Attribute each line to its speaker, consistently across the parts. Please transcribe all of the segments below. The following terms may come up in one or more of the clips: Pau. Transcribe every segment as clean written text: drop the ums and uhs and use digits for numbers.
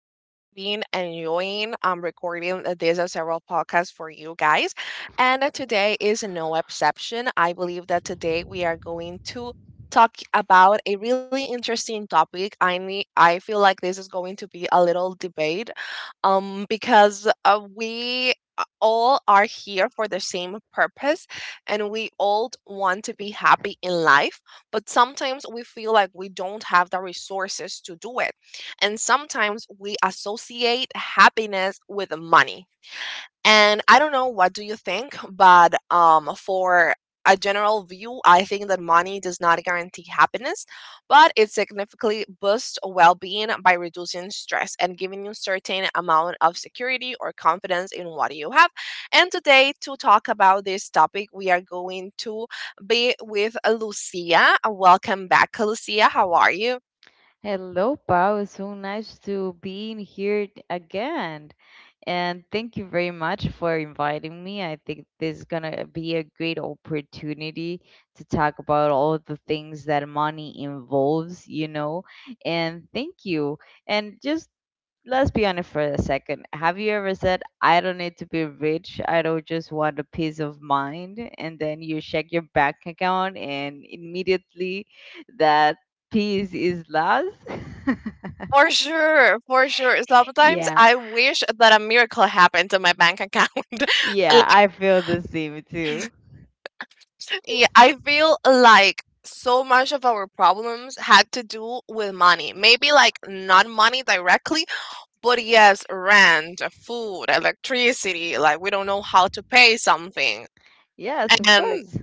Speaker 1: We has been enjoying recording these are several podcasts for you guys, and today is no exception. I believe that today we are going to talk about a really interesting topic. I feel like this is going to be a little debate, because we all are here for the same purpose, and we all want to be happy in life but sometimes we feel like we don't have the resources to do it. And sometimes we associate happiness with money. And I don't know what do you think, but for a general view, I think that money does not guarantee happiness, but it significantly boosts well-being by reducing stress and giving you certain amount of security or confidence in what you have. And today to talk about this topic, we are going to be with Lucia. Welcome back, Lucia. How are you?
Speaker 2: Hello, Pau. It's so nice to be in here again. And thank you very much for inviting me. I think this is going to be a great opportunity to talk about all the things that money involves. And thank you. And just let's be honest for a second. Have you ever said, I don't need to be rich, I don't just want a peace of mind? And then you check your bank account and immediately that peace is lost.
Speaker 1: For sure, for sure. Sometimes
Speaker 2: yeah,
Speaker 1: I wish that a miracle happened to my bank account.
Speaker 2: yeah,
Speaker 1: Like.
Speaker 2: I feel the same too.
Speaker 1: Yeah, I feel like so much of our problems had to do with money. Maybe like not money directly, but yes, rent, food, electricity, like we don't know how to pay something.
Speaker 2: Yes, of
Speaker 1: And
Speaker 2: course.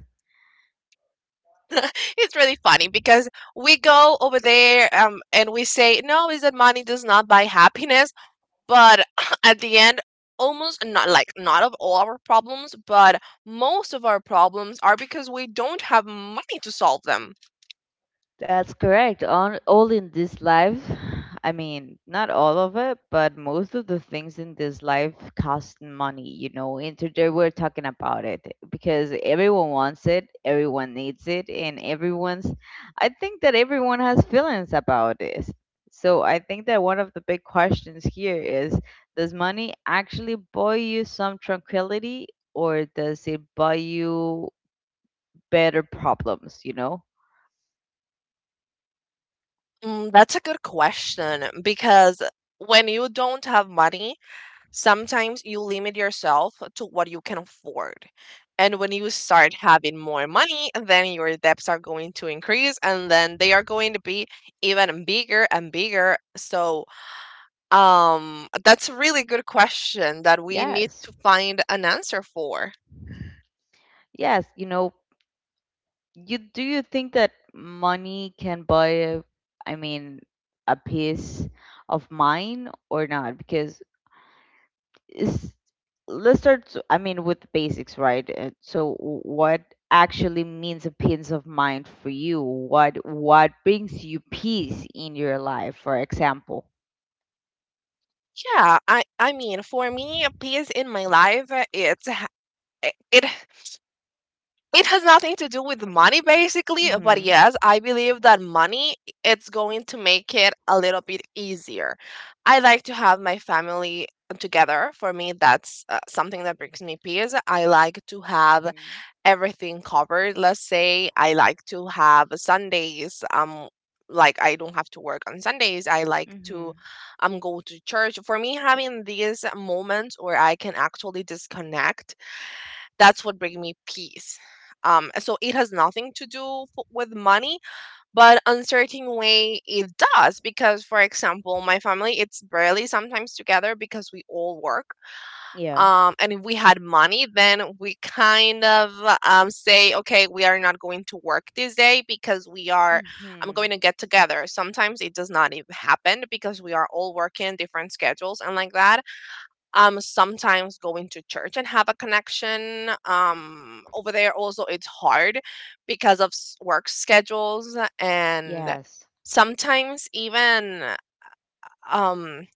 Speaker 1: it's really funny because we go over there and we say, no, is that money does not buy happiness. But at the end, almost not like not of all our problems, but most of our problems are because we don't have money to solve them.
Speaker 2: That's correct. On all in this life, I mean, not all of it, but most of the things in this life cost money, you know. And today we're talking about it because everyone wants it, everyone needs it, and everyone's I think that everyone has feelings about this. So I think that one of the big questions here is does money actually buy you some tranquility or does it buy you better problems, you know?
Speaker 1: Mm, that's a good question because when you don't have money, sometimes you limit yourself to what you can afford. And when you start having more money, then your debts are going to increase and then they are going to be even bigger and bigger. So, that's a really good question that we need
Speaker 2: Yes.
Speaker 1: to find an answer for.
Speaker 2: Yes, you know, you do you think that money can buy a, I mean, a peace of mind or not? Because it's, I mean, with the basics, right? So what actually means a peace of mind for you? What brings you peace in your life, for example?
Speaker 1: Yeah, I mean, for me, peace in my life, it's h- It has nothing to do with money basically, but
Speaker 2: Mm-hmm.
Speaker 1: yes, I believe that money it's going to make it a little bit easier. I like to have my family together. For me, that's something that brings me peace. I like to have
Speaker 2: Hmm.
Speaker 1: everything covered. Let's say I like to have Sundays like I don't have to work on Sundays. I like
Speaker 2: Mm-hmm.
Speaker 1: to go to church. For me having these moments where I can actually disconnect that's what brings me peace. So it has nothing to do with money, but uncertain way it does because, for example, my family it's barely sometimes together because we all work.
Speaker 2: Yeah.
Speaker 1: And if we had money, then we kind of say, okay, we are not going to work this day because we are I'm
Speaker 2: Mm-hmm.
Speaker 1: going to get together. Sometimes it does not even happen because we are all working different schedules and like that sometimes going to church and have a connection over there also it's hard because of work schedules and
Speaker 2: Yes.
Speaker 1: sometimes even um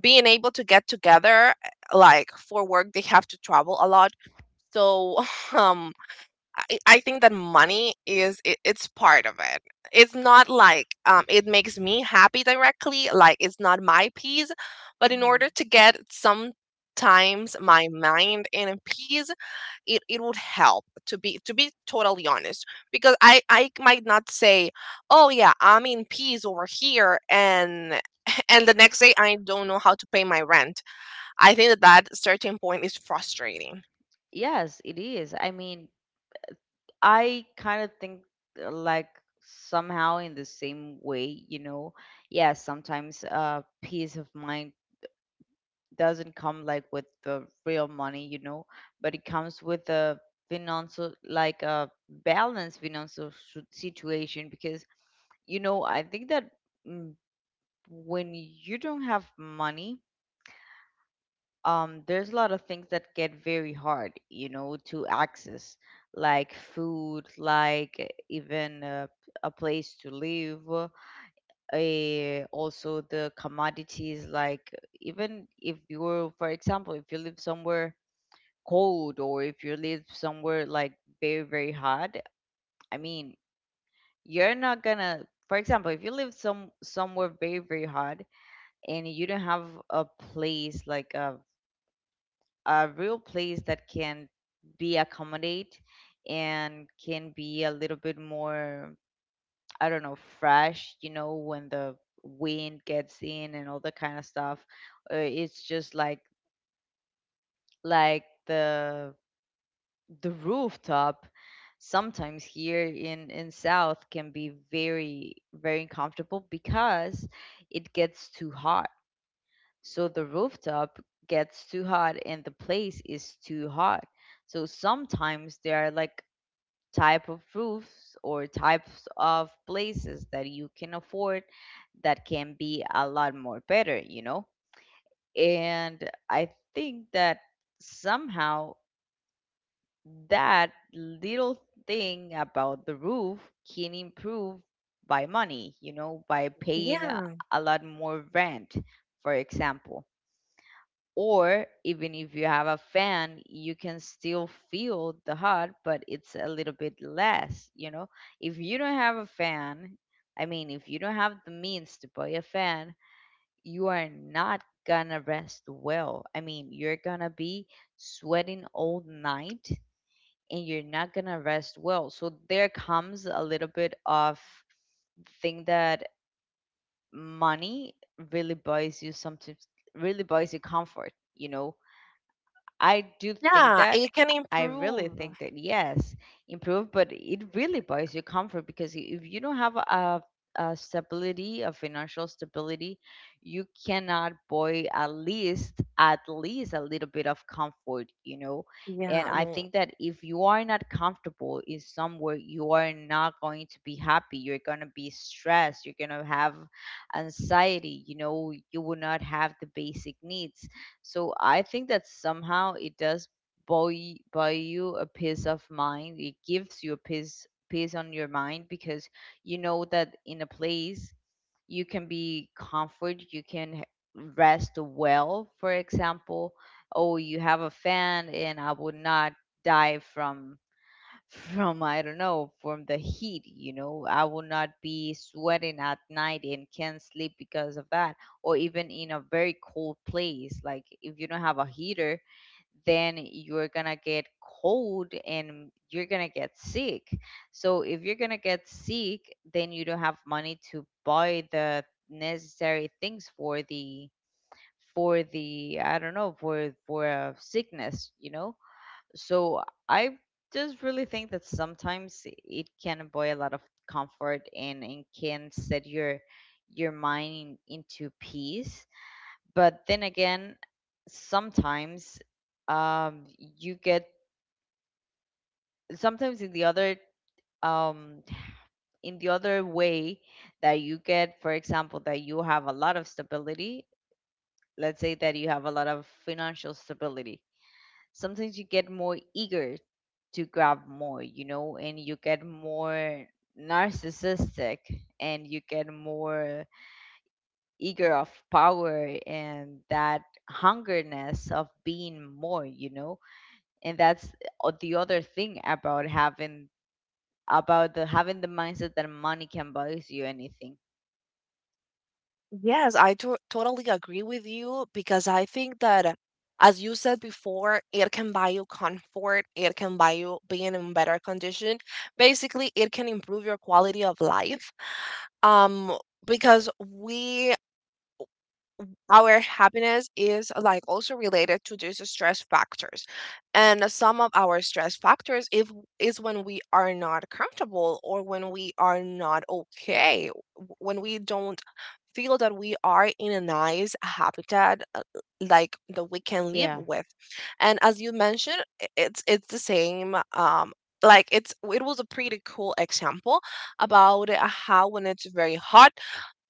Speaker 1: being able to get together like for work they have to travel a lot so um I think that money it's part of it. It's not like it makes me happy directly, like it's not my peace, but in
Speaker 2: Mm-hmm.
Speaker 1: order to get sometimes my mind in peace, it would help to be totally honest. Because I might not say, "Oh yeah, I'm in peace over here," and and the next day I don't know how to pay my rent. I think that that certain point is frustrating.
Speaker 2: Yes, it is. I mean, I kind of think like somehow in the same way, you know. Yeah, sometimes peace of mind doesn't come like with the real money, you know, but it comes with a financial like a balanced situation because you know, I think that mm, when you don't have money there's a lot of things that get very hard, you know, to access, like food, like even a place to live, also the commodities, like even if you're, for example, if you live somewhere cold or if you live somewhere like very, very hot, I mean, you're not gonna, for example, if you live somewhere very, very hot and you don't have a place like a real place that can be accommodate and can be a little bit more I don't know fresh, you know, when the wind gets in and all that kind of stuff, it's just like the rooftop sometimes here in south can be very, very uncomfortable because it gets too hot. So the rooftop gets too hot and the place is too hot. So sometimes there are like type of roofs or types of places that you can afford that can be a lot more better, you know? And I think that somehow that little thing about the roof can improve by money, you know, by paying
Speaker 1: Yeah,
Speaker 2: a lot more rent, for example, or even if you have a fan you can still feel the hot but it's a little bit less, you know. If you don't have a fan, I mean if you don't have the means to buy a fan, you are not gonna rest well. I mean you're gonna be sweating all night and you're not gonna rest well. So there comes a little bit of thing that money really buys you sometimes, really buys you comfort, you know. I do think
Speaker 1: yeah,
Speaker 2: that.
Speaker 1: it can
Speaker 2: I really
Speaker 1: improve.
Speaker 2: think that yes, improve, but it really buys you comfort because if you don't have a stability, a financial stability, you cannot buy at least a little bit of comfort, you know. And
Speaker 1: Yeah,
Speaker 2: I
Speaker 1: no.
Speaker 2: think that if you are not comfortable in somewhere, you are not going to be happy. You're gonna be stressed. You're gonna have anxiety. You know, you will not have the basic needs, so I think that somehow it does buy you a peace of mind. It gives you a peace on your mind because you know that in a place you can be comfort, you can rest well, for example. Oh, you have a fan, and I would not die from I don't know from the heat. You know, I will not be sweating at night and can't sleep because of that, or even in a very cold place. Like if you don't have a heater, then you're gonna get cold and you're gonna get sick. So if you're gonna get sick, then you don't have money to buy the necessary things for the I don't know for a sickness. You know, so I just really think that sometimes it can buy a lot of comfort, and can set your mind into peace, but then again sometimes um you get sometimes um in the other way that you get, for example, that you have a lot of stability. Let's say that you have a lot of financial stability. Sometimes you get more eager to grab more, you know, and you get more narcissistic and you get more eager of power and that hungerness of being more, you know. And that's the other thing about having about the having the mindset that money can buy you anything.
Speaker 1: Yes, I to totally agree with you because I think that, as you said before, it can buy you comfort, it can buy you being in better condition. Basically, it can improve your quality of life. Um, because we our happiness is like also related to these stress factors and some of our stress factors if is when we are not comfortable or when we are not okay when we don't feel that we are in a nice habitat like that we can live
Speaker 2: Yeah,
Speaker 1: with. And as you mentioned it's the same like it's it was a pretty cool example about how when it's very hot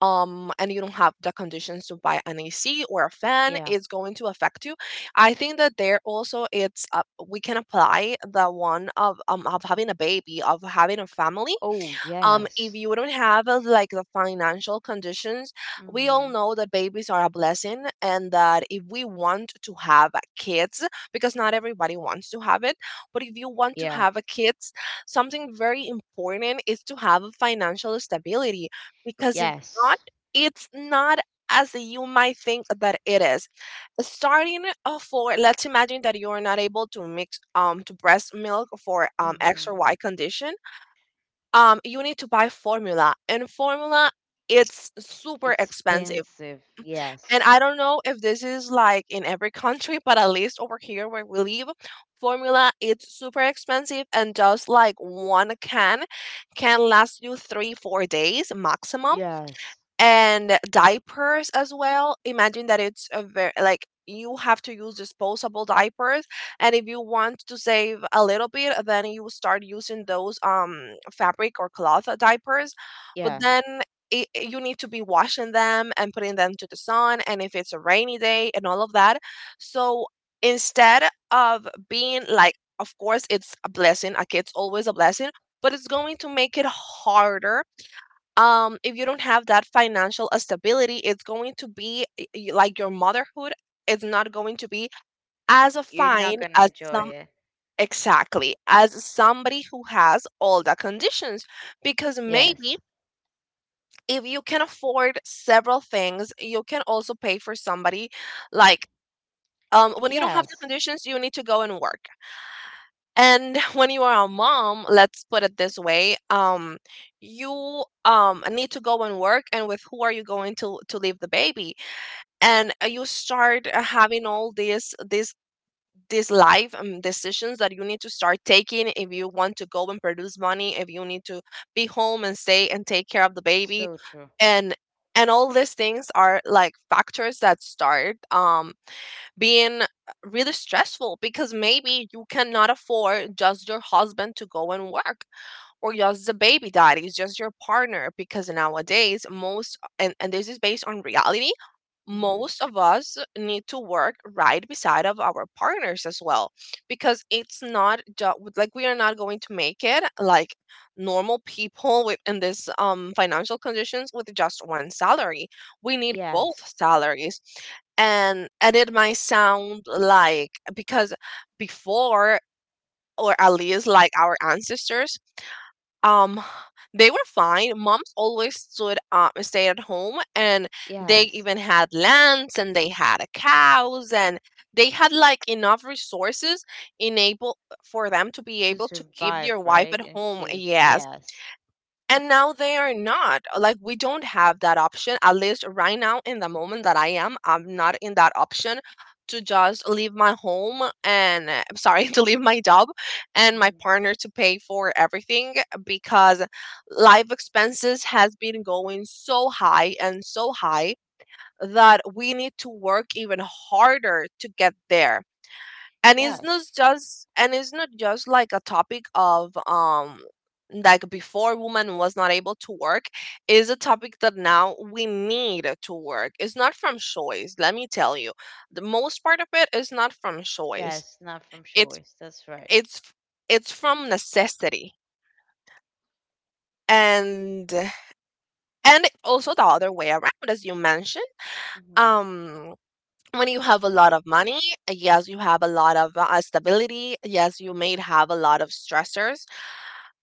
Speaker 1: and you don't have the conditions to buy an AC or a fan
Speaker 2: yeah.
Speaker 1: it's going to affect you. I think that there also it's we can apply the one of having a baby of having a family.
Speaker 2: Oh
Speaker 1: If
Speaker 2: yes.
Speaker 1: you don't have like the financial conditions, we all
Speaker 2: Mhm.
Speaker 1: know that babies are a blessing and that if we want to have kids, because not everybody wants to have it, but if you want to
Speaker 2: Yeah.
Speaker 1: have a kids, something very important is to have a financial stability because if not,
Speaker 2: Yes.
Speaker 1: it's not as you might think that it is starting for let's imagine that you are not able to mix to breast milk for x or
Speaker 2: Mhm.
Speaker 1: y condition. You need to buy formula and formula it's super expensive.
Speaker 2: Expensive.
Speaker 1: And
Speaker 2: Yes.
Speaker 1: I don't know if this is like in every country but at least over here where we live formula it's super expensive and just like one can last you 3, 4 days maximum.
Speaker 2: Yes.
Speaker 1: And diapers as well. Imagine that it's a very like you have to use disposable diapers and if you want to save a little bit then you start using those fabric or cloth diapers but
Speaker 2: Yeah.
Speaker 1: then you need to be washing them and putting them to the sun and if it's a rainy day and all of that. So instead of being like of course it's a blessing a kid's always a blessing but it's going to make it harder if you don't have that financial stability it's going to be like your motherhood is not going to be as a
Speaker 2: You're not
Speaker 1: fine
Speaker 2: gonna
Speaker 1: as
Speaker 2: enjoy
Speaker 1: some
Speaker 2: it.
Speaker 1: exactly as somebody who has all the conditions because maybe
Speaker 2: Yes.
Speaker 1: if you can afford several things you can also pay for somebody like when you don't have the
Speaker 2: Yes.
Speaker 1: conditions you need to go and work. And when you are a mom, let's put it this way, you need to go and work, and with who are you going to leave the baby? And you start having all these life decisions that you need to start taking if you want to go and produce money, if you need to be home and stay and take care of the baby,
Speaker 2: So true.
Speaker 1: and and all these things are like factors that start being really stressful because maybe you cannot afford just your husband to go and work or just the baby daddy is just your partner because nowadays most and this is based on reality
Speaker 2: Hmm.
Speaker 1: most of us need to work right beside of our partners as well because it's not just like we are not going to make it like normal people with in this financial conditions with just one salary we need both
Speaker 2: Yes.
Speaker 1: salaries. And it might sound like because before or at least like our ancestors um they were fine moms always stood stayed at home and they
Speaker 2: Yes.
Speaker 1: even had lands and they had a cows and they had like enough resources enable for them to be
Speaker 2: To
Speaker 1: able to keep
Speaker 2: survive,
Speaker 1: their wife
Speaker 2: right?
Speaker 1: at
Speaker 2: And
Speaker 1: home
Speaker 2: keep.
Speaker 1: yes.
Speaker 2: Yes.
Speaker 1: And now they are not like we don't have that option at least right now in the moment that I'm not in that option to just leave my home and sorry to leave my job and my
Speaker 2: Hmm.
Speaker 1: partner to pay for everything because life expenses has been going so high and so high that we need to work even harder to get there. And
Speaker 2: Yes.
Speaker 1: it's not just like a topic of like before woman was not able to work is a topic that now we need to work it's not from choice let me tell you the most part of it is not from choice.
Speaker 2: Yes. Not from
Speaker 1: it's
Speaker 2: choice. That's right.
Speaker 1: it's it's from necessity. and and also the other way around as you mentioned
Speaker 2: Hmm.
Speaker 1: um when you have a lot of money yes you have a lot of stability yes you may have a lot of stressors,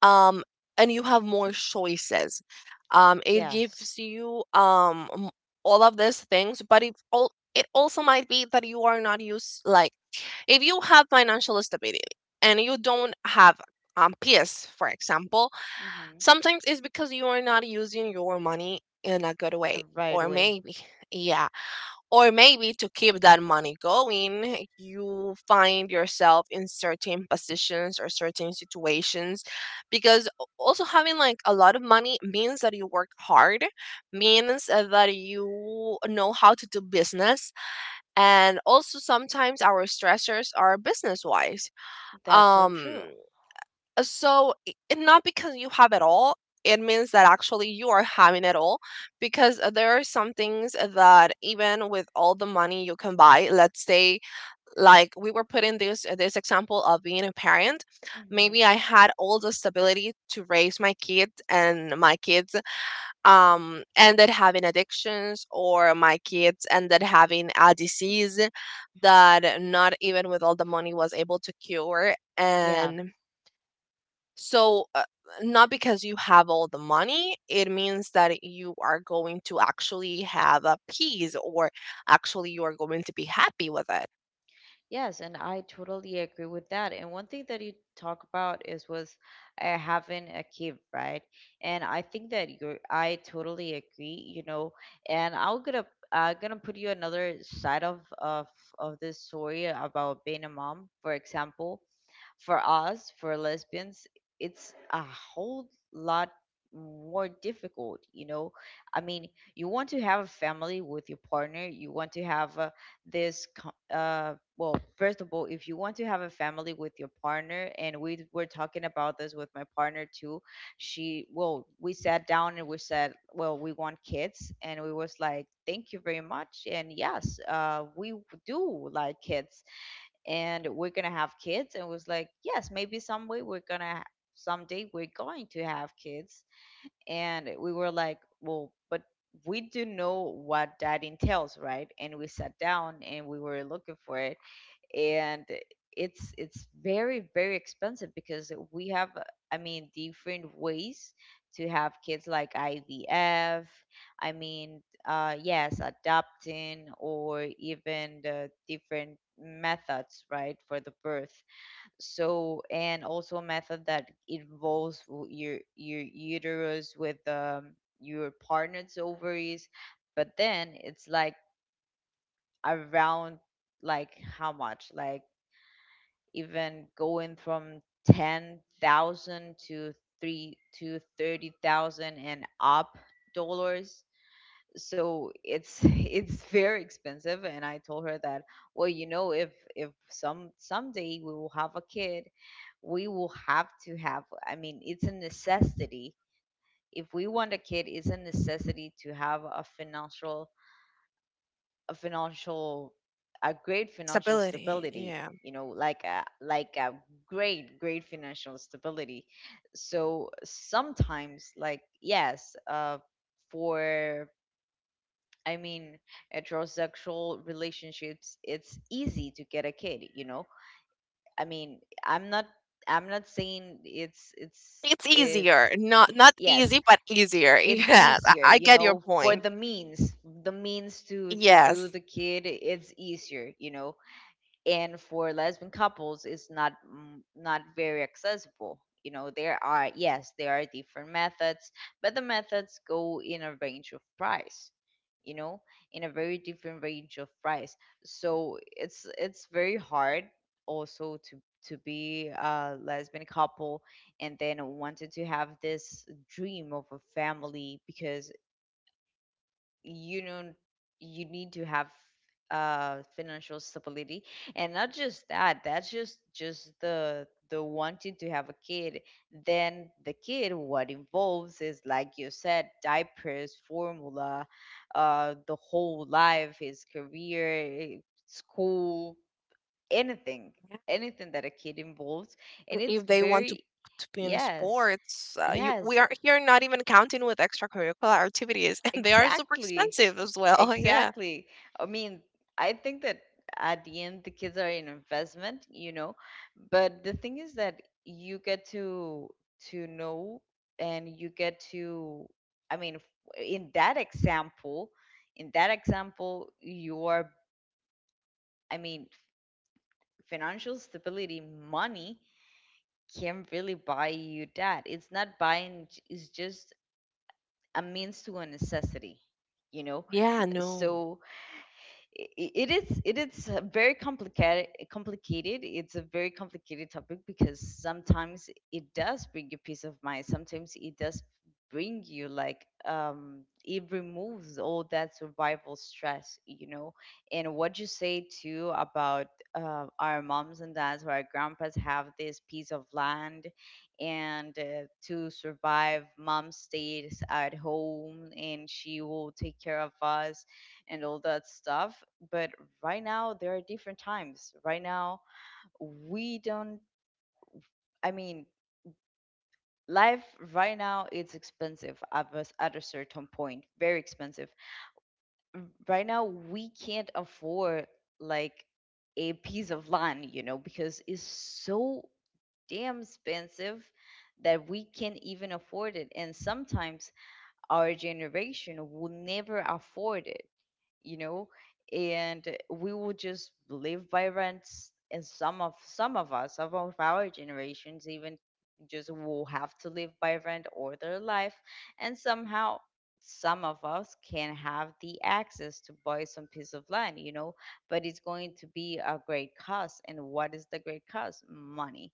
Speaker 1: um, and you have more choices. It
Speaker 2: Yes.
Speaker 1: gives you all of these things, but it all it also might be that you are not used like if you have financial stability and you don't have PS, for example,
Speaker 2: Hmm.
Speaker 1: sometimes it's because you are not using your money in a good
Speaker 2: The
Speaker 1: way,
Speaker 2: right
Speaker 1: or
Speaker 2: way.
Speaker 1: maybe, yeah. Or maybe to keep that money going, you find yourself in certain positions or certain situations because also having like a lot of money means that you work hard, means that you know how to do business. And also sometimes our stressors are business wise.
Speaker 2: That's so true.
Speaker 1: Um So, and not because you have it all, it means that actually you are having it all because there are some things that even with all the money you can buy, let's say, like we were putting this example of being a parent.
Speaker 2: Hmm.
Speaker 1: Maybe I had all the stability to raise my kids, and my kids ended having addictions, or my kids ended having a disease that not even with all the money was able to cure.
Speaker 2: Yeah.
Speaker 1: And so, not because you have all the money, it means that you are going to actually have a peace, or actually you are going to be happy with it.
Speaker 2: Yes, and I totally agree with that. And one thing that you talk about is was having a kid, right? And I think that you're, I totally agree, you know. And I'm gonna put you another side of this story about being a mom, for example. For us, for lesbians, it's a whole lot more difficult, you know. I mean, you want to have a family with your partner, you want to have this, well, first of all, if you want to have a family with your partner, and we were talking about this with my partner too, she well we sat down and we said well we want kids and we was like thank you very much and yes we do like kids and we're gonna have kids and was like yes maybe some way we're gonna ha- someday we're going to have kids, and we were like well but we do know what that entails, right? And we sat down and we were looking for it, and it's very, very expensive because we have I mean different ways to have kids, like IVF, I mean, yes adopting, or even the different methods, right, for the birth. So and also a method that involves your uterus with your partner's ovaries, but then it's like around like how much, like even going from 10,000 to 3 to 30,000 and up dollars. So it's it's very expensive, and I told her that well you know if someday we will have a kid, we will have to have, I mean, it's a necessity. If we want a kid, it's a necessity to have a financial a financial a great financial
Speaker 1: Stability,
Speaker 2: stability,
Speaker 1: yeah.
Speaker 2: you know, like a great great financial stability. So sometimes like yes for I mean heterosexual relationships, it's easy to get a kid, you know. I mean, i'm not I'm not saying it's it's
Speaker 1: It's
Speaker 2: it's
Speaker 1: easier. Not
Speaker 2: yes
Speaker 1: easy, but easier.
Speaker 2: it's
Speaker 1: Yeah, I
Speaker 2: easier,
Speaker 1: I
Speaker 2: you
Speaker 1: get your
Speaker 2: know, for
Speaker 1: point.
Speaker 2: the means to do
Speaker 1: Yes,
Speaker 2: the kid, it's easier, you know. And for lesbian couples it's not not very accessible, you know. There are yes there are different methods, but the methods go in a range of price, you know, in a very different range of price. So it's very hard also to be a lesbian couple and then wanted to have this dream of a family because you know you need to have financial stability, and not just that, that's just the wanting to have a kid. Then the kid what involves is like you said diapers, formula, the whole life, his career, school, anything, anything that a kid involves, and it's
Speaker 1: if they want to
Speaker 2: very
Speaker 1: to be in
Speaker 2: yes
Speaker 1: sports, you we
Speaker 2: yes.
Speaker 1: are here not even counting with extracurricular activities, and they are super
Speaker 2: Exactly.
Speaker 1: expensive as well. Yeah.
Speaker 2: Exactly. I mean, I think that at the end, the kids are an investment, you know, but the thing is that you get to know and you get to, I mean, in that example, your, I mean, financial stability, money can really buy you that. It's not it's just a means to a necessity, you know?
Speaker 1: Yeah, no.
Speaker 2: So, I- it is very complicated, it's a very complicated topic because sometimes it does bring you peace of mind. Sometimes it does bring you like it removes all that survival stress, you know. And what you say too about our moms and dads or our grandpas have this piece of land, and to survive, mom stays at home and she will take care of us and all that stuff. But right now, there are different times. Right now, we don't, I mean, life right now, it's expensive at at a certain point, very expensive. Mm, right now we can't afford like a piece of land, you know, because it's so damn expensive that we can't even afford it. And sometimes our generation will never afford it, you know, and we will just live by rents. And some of us, some of our generations, even just will have to live by rent all their life. And somehow some of us can have the access to buy some piece of land, you know, but it's going to be a great cost. And what is the great cost? Money.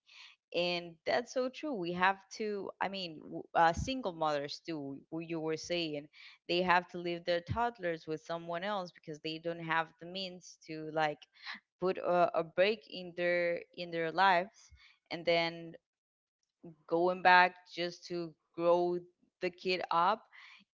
Speaker 2: And that's so true. We have to, single mothers too, who you were saying, they have to leave their toddlers with someone else because they don't have the means to, like, put a break in their lives, and then going back just to grow the kid up,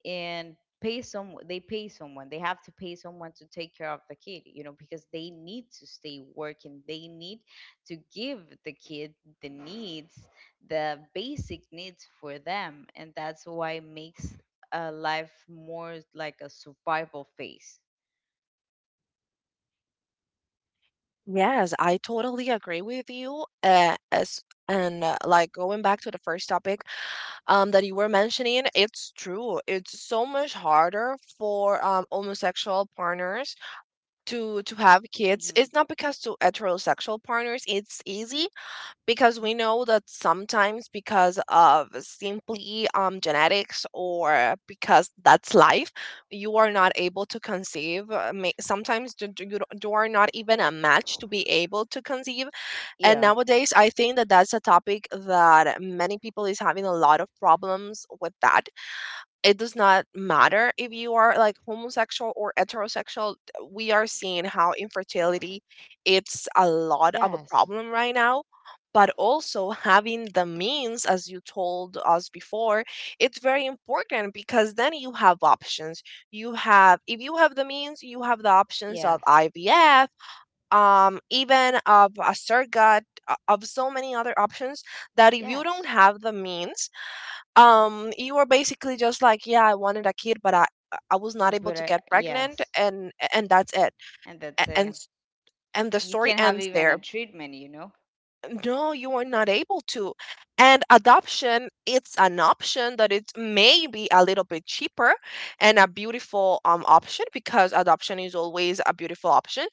Speaker 2: and pay some they pay someone they have to pay someone to take care of the kid, you know, because they need to stay working. They need to give the kid the needs, the basic needs for them. And that's why it makes a life more like a survival phase.
Speaker 1: Yes, I totally agree with you. As and like going back to the first topic that you were mentioning, it's true. It's so much harder for homosexual partners to have kids.
Speaker 2: Hmm.
Speaker 1: It's not because to heterosexual partners it's easy, because we know that sometimes because of simply genetics or because that's life, you are not able to conceive, sometimes you are not even a match to be able to conceive. And
Speaker 2: Yeah.
Speaker 1: nowadays I think that that's a topic that many people is having a lot of problems with that. It does not matter if you are like homosexual or heterosexual. We are seeing how infertility it's a lot of a
Speaker 2: Yes.
Speaker 1: problem right now. But also having the means, as you told us before, it's very important because then you have options. You have if you have the means, you have the options of
Speaker 2: Yes.
Speaker 1: IVF, even of a surrogate, of so many other options, that if you don't
Speaker 2: yes
Speaker 1: have the means, you were basically just like, yeah, I wanted a kid but I was not able
Speaker 2: but
Speaker 1: to get pregnant,
Speaker 2: Yes,
Speaker 1: and that's it.
Speaker 2: and
Speaker 1: A-
Speaker 2: that's
Speaker 1: and
Speaker 2: it.
Speaker 1: s- and the
Speaker 2: You
Speaker 1: story
Speaker 2: can have
Speaker 1: ends
Speaker 2: even
Speaker 1: there.
Speaker 2: a treatment, you know.
Speaker 1: No, you were not able to. And adoption, it's an option that it's maybe a little bit cheaper, and a beautiful option because adoption is always a beautiful option.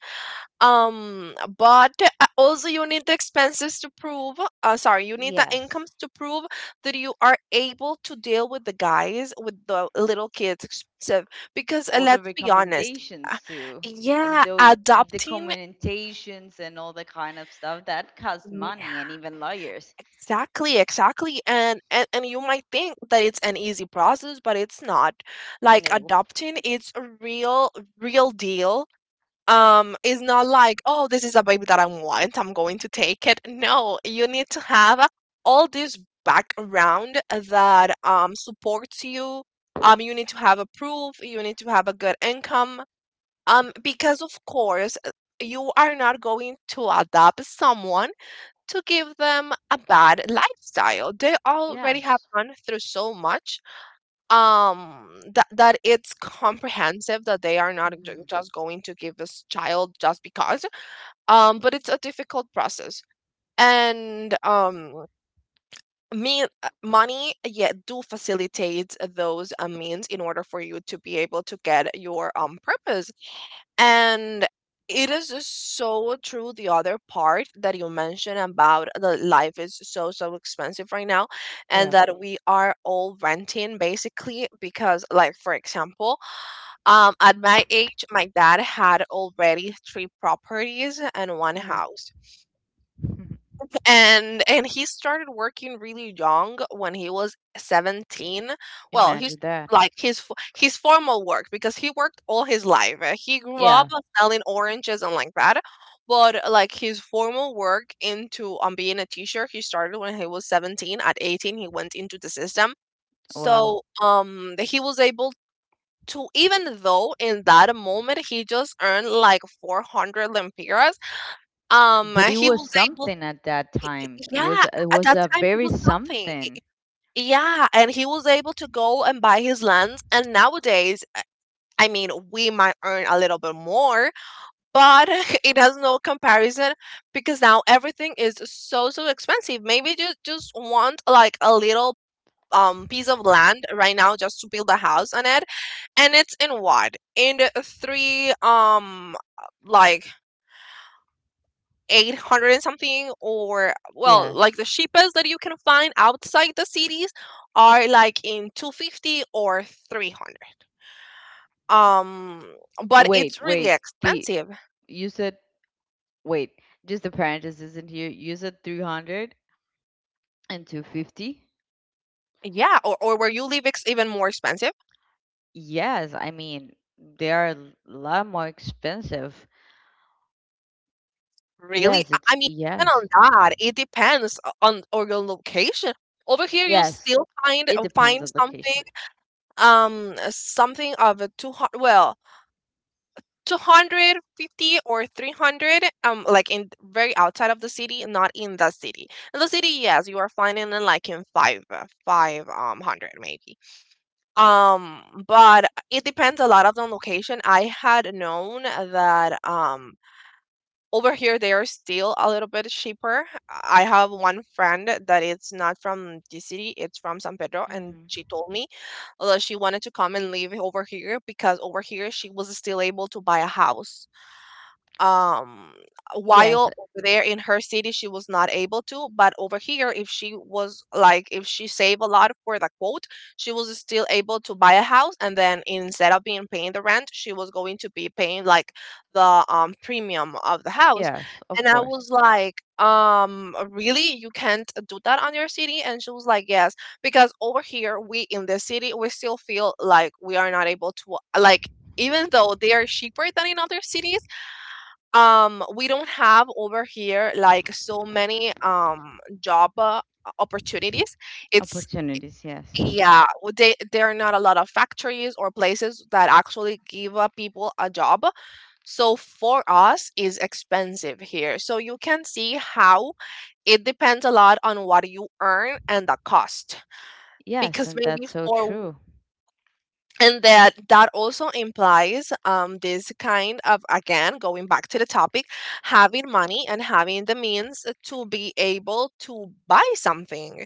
Speaker 1: But also you need the expenses to prove, sorry, you need the
Speaker 2: Yes,
Speaker 1: incomes to prove that you are able to deal with the guys with the little kids expensive, because
Speaker 2: all the
Speaker 1: let's be honest. uh,
Speaker 2: recommendations too, and
Speaker 1: yeah,
Speaker 2: the
Speaker 1: adopting.
Speaker 2: commentations and all the kind of stuff that costs money, and
Speaker 1: Yeah,
Speaker 2: even lawyers.
Speaker 1: exactly, and you might think that it's an easy process but it's not. Like,
Speaker 2: No.
Speaker 1: adopting, it's a real real deal. It's not like, oh, this is a baby that I want, I'm going to take it. No, you need to have all this background that supports you. You need to have a proof, you need to have a good income, because of course, you are not going to adopt someone to give them a bad lifestyle. They already have
Speaker 2: Yes.
Speaker 1: gone through so much. Um that that it's comprehensive that they are not ju-
Speaker 2: Hmm.
Speaker 1: just going to give this child just because. But it's a difficult process. And me money, yeah, do facilitate those means in order for you to be able to get your purpose. And it is just so true, the other part that you mentioned about the life is so, so expensive right now, and
Speaker 2: Yeah.
Speaker 1: that we are all renting basically. Because, like, for example, at my age, my dad had already three properties and one
Speaker 2: Mm.
Speaker 1: house. And he started working really young when he was 17. Well, he's
Speaker 2: Imagine that.
Speaker 1: like his formal work because he worked all his life. He grew up
Speaker 2: Yeah.
Speaker 1: selling oranges and like that, but like his formal work into being a teacher, he started when he was 17. At 18, he went into the system.
Speaker 2: Wow.
Speaker 1: So he was able to, even though in that moment he just earned like 400 lempiras,
Speaker 2: But it
Speaker 1: he
Speaker 2: was
Speaker 1: was able.
Speaker 2: something. At that time, it
Speaker 1: Yeah,
Speaker 2: was it
Speaker 1: at
Speaker 2: was
Speaker 1: that
Speaker 2: a
Speaker 1: time it
Speaker 2: very
Speaker 1: was something.
Speaker 2: something.
Speaker 1: Yeah, and he was able to go and buy his lands. And nowadays, I mean, we might earn a little bit more, but it has no comparison because now everything is so so expensive. Maybe you just want like a little piece of land right now just to build a house on it, and it's in what in the three like 800 and something, or well, like
Speaker 2: Yes.
Speaker 1: the cheapest that you can find outside the cities are like in 250 or 300, um but it's
Speaker 2: wait
Speaker 1: really
Speaker 2: wait the
Speaker 1: expensive.
Speaker 2: you said, wait, just the parenthesis isn't here, you said three hundred and two fifty.
Speaker 1: Yeah, or where you live it's even more expensive.
Speaker 2: Yes, I mean, they are a lot more expensive.
Speaker 1: Really,
Speaker 2: Yes,
Speaker 1: i
Speaker 2: it's
Speaker 1: I mean even
Speaker 2: yes.
Speaker 1: on that it depends o- on or your location. Over here you'll
Speaker 2: Yes.
Speaker 1: still find
Speaker 2: It
Speaker 1: uh, find
Speaker 2: depends on
Speaker 1: something,
Speaker 2: location.
Speaker 1: something of a 200, well, 250 or 300, like in very outside of the city, not in the city. In the city, yes, you are finding in like in five hundred maybe, but it depends a lot of the location. I had known that over here they are still a little bit cheaper. I have one friend that it's not from the city, it's from San Pedro, and
Speaker 2: Hmm.
Speaker 1: she told me, she wanted to come and live over here because over here she was still able to buy a house, um
Speaker 2: Yes,
Speaker 1: while over there in her city she was not able to. But over here, if she saved a lot for the quote, she was still able to buy a house. And then instead of being paying the rent, she was going to be paying like the premium of the house.
Speaker 2: yes, of
Speaker 1: And I
Speaker 2: course.
Speaker 1: was like, really, you can't do that on your city? And she was like, yes, because over here, we in the city, we still feel like we are not able to, like, even though they are cheaper than in other cities, we don't have over here like so many job opportunities. It's,
Speaker 2: Opportunities, yes.
Speaker 1: yeah, there are not a lot of factories or places that actually give people a job. So for us is expensive here. So you can see how it depends a lot on what you earn and the cost.
Speaker 2: Yes,
Speaker 1: Because
Speaker 2: and
Speaker 1: maybe
Speaker 2: that's so
Speaker 1: for,
Speaker 2: true.
Speaker 1: and that also implies this kind of, again, going back to the topic, having money and having the means to be able to buy something,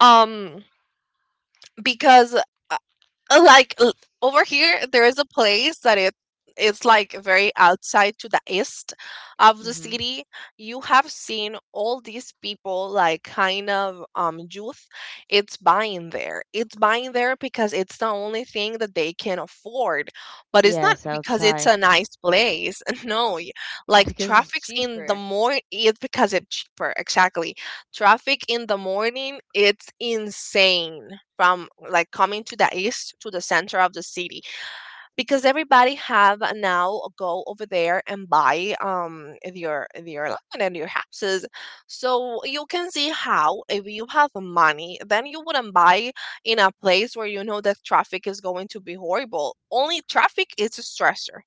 Speaker 1: um because uh, like l- over here there is a place that it's like very outside to the east of the
Speaker 2: Hmm.
Speaker 1: city. You have seen all these people like kind of youth, it's buying there because it's the only thing that they can afford. But it's not
Speaker 2: Yes,
Speaker 1: because it's
Speaker 2: outside,
Speaker 1: a nice place. No, like,
Speaker 2: because it's
Speaker 1: traffic's in the
Speaker 2: cheaper.
Speaker 1: morning, it's because it's cheaper, exactly. Traffic in the morning, it's insane from like coming to the east to the center of the city, because everybody have now go over there and buy their land and their houses. So you can see how if you have money, then you wouldn't buy in a place where you know that traffic is going to be horrible. Only traffic is a stressor.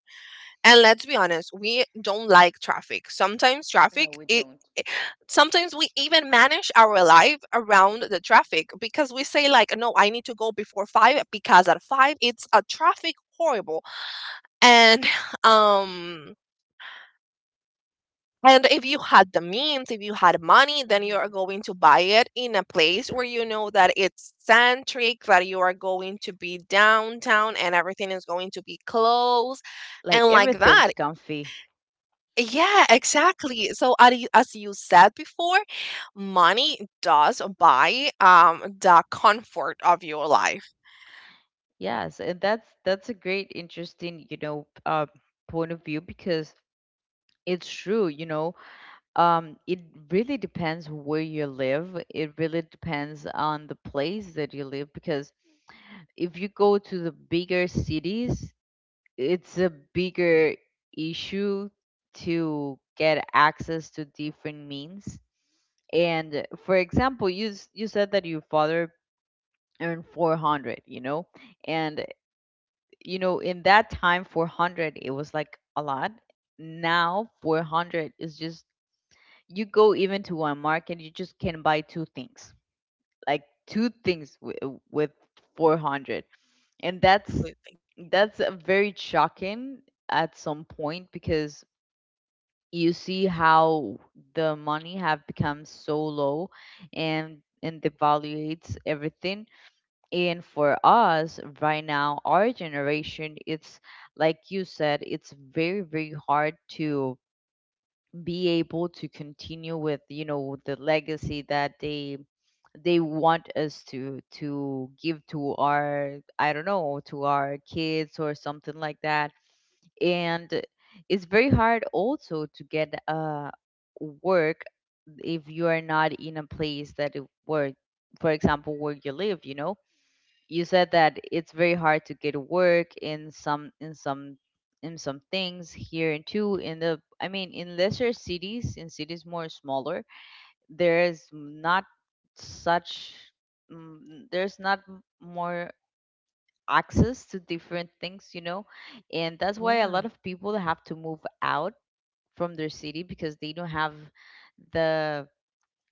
Speaker 1: And let's be honest, we don't like traffic. Sometimes
Speaker 2: No,
Speaker 1: traffic
Speaker 2: we don't.
Speaker 1: it- sometimes we even manage our life around the traffic because we say like, no, I need to go before 5 because at 5 it's a traffic horrible. And um and if you had the means, if you had money, then you are
Speaker 2: Hmm.
Speaker 1: going to buy it in a place where you know that it's centric, that you are going to be downtown and everything is going to be closed,
Speaker 2: Like
Speaker 1: and like that.
Speaker 2: everything's comfy.
Speaker 1: Yeah, exactly. So as you said before, money does buy the comfort of your life.
Speaker 2: Yes, and that's a great, interesting, you know, point of view, because it's true. You know, it really depends where you live. It really depends on the place that you live, because if you go to the bigger cities, it's a bigger issue to get access to different means. And for example, you said that your father earned 400, you know? And you know, in that time 400 it was like a lot. Now 400 is just, you go even to one market, you just can buy two things, with 400. And
Speaker 1: Completely.
Speaker 2: that's very shocking at some point, because you see how the money have become so low and devaluates everything. And for us right now, our generation, it's like you said, it's very, very hard to be able to continue with, you know, the legacy that they want us to give to our, I don't know, to our kids or something like that. And it's very hard also to get work if you are not in a place that where, for example, where you live, you know. You said that it's very hard to get work in some things here, and too in the, I mean, in lesser cities, in cities more smaller, there is not such, there's not more access to different things, you know. And that's why a lot
Speaker 1: Yeah,
Speaker 2: of people have to move out from their city because they don't have the,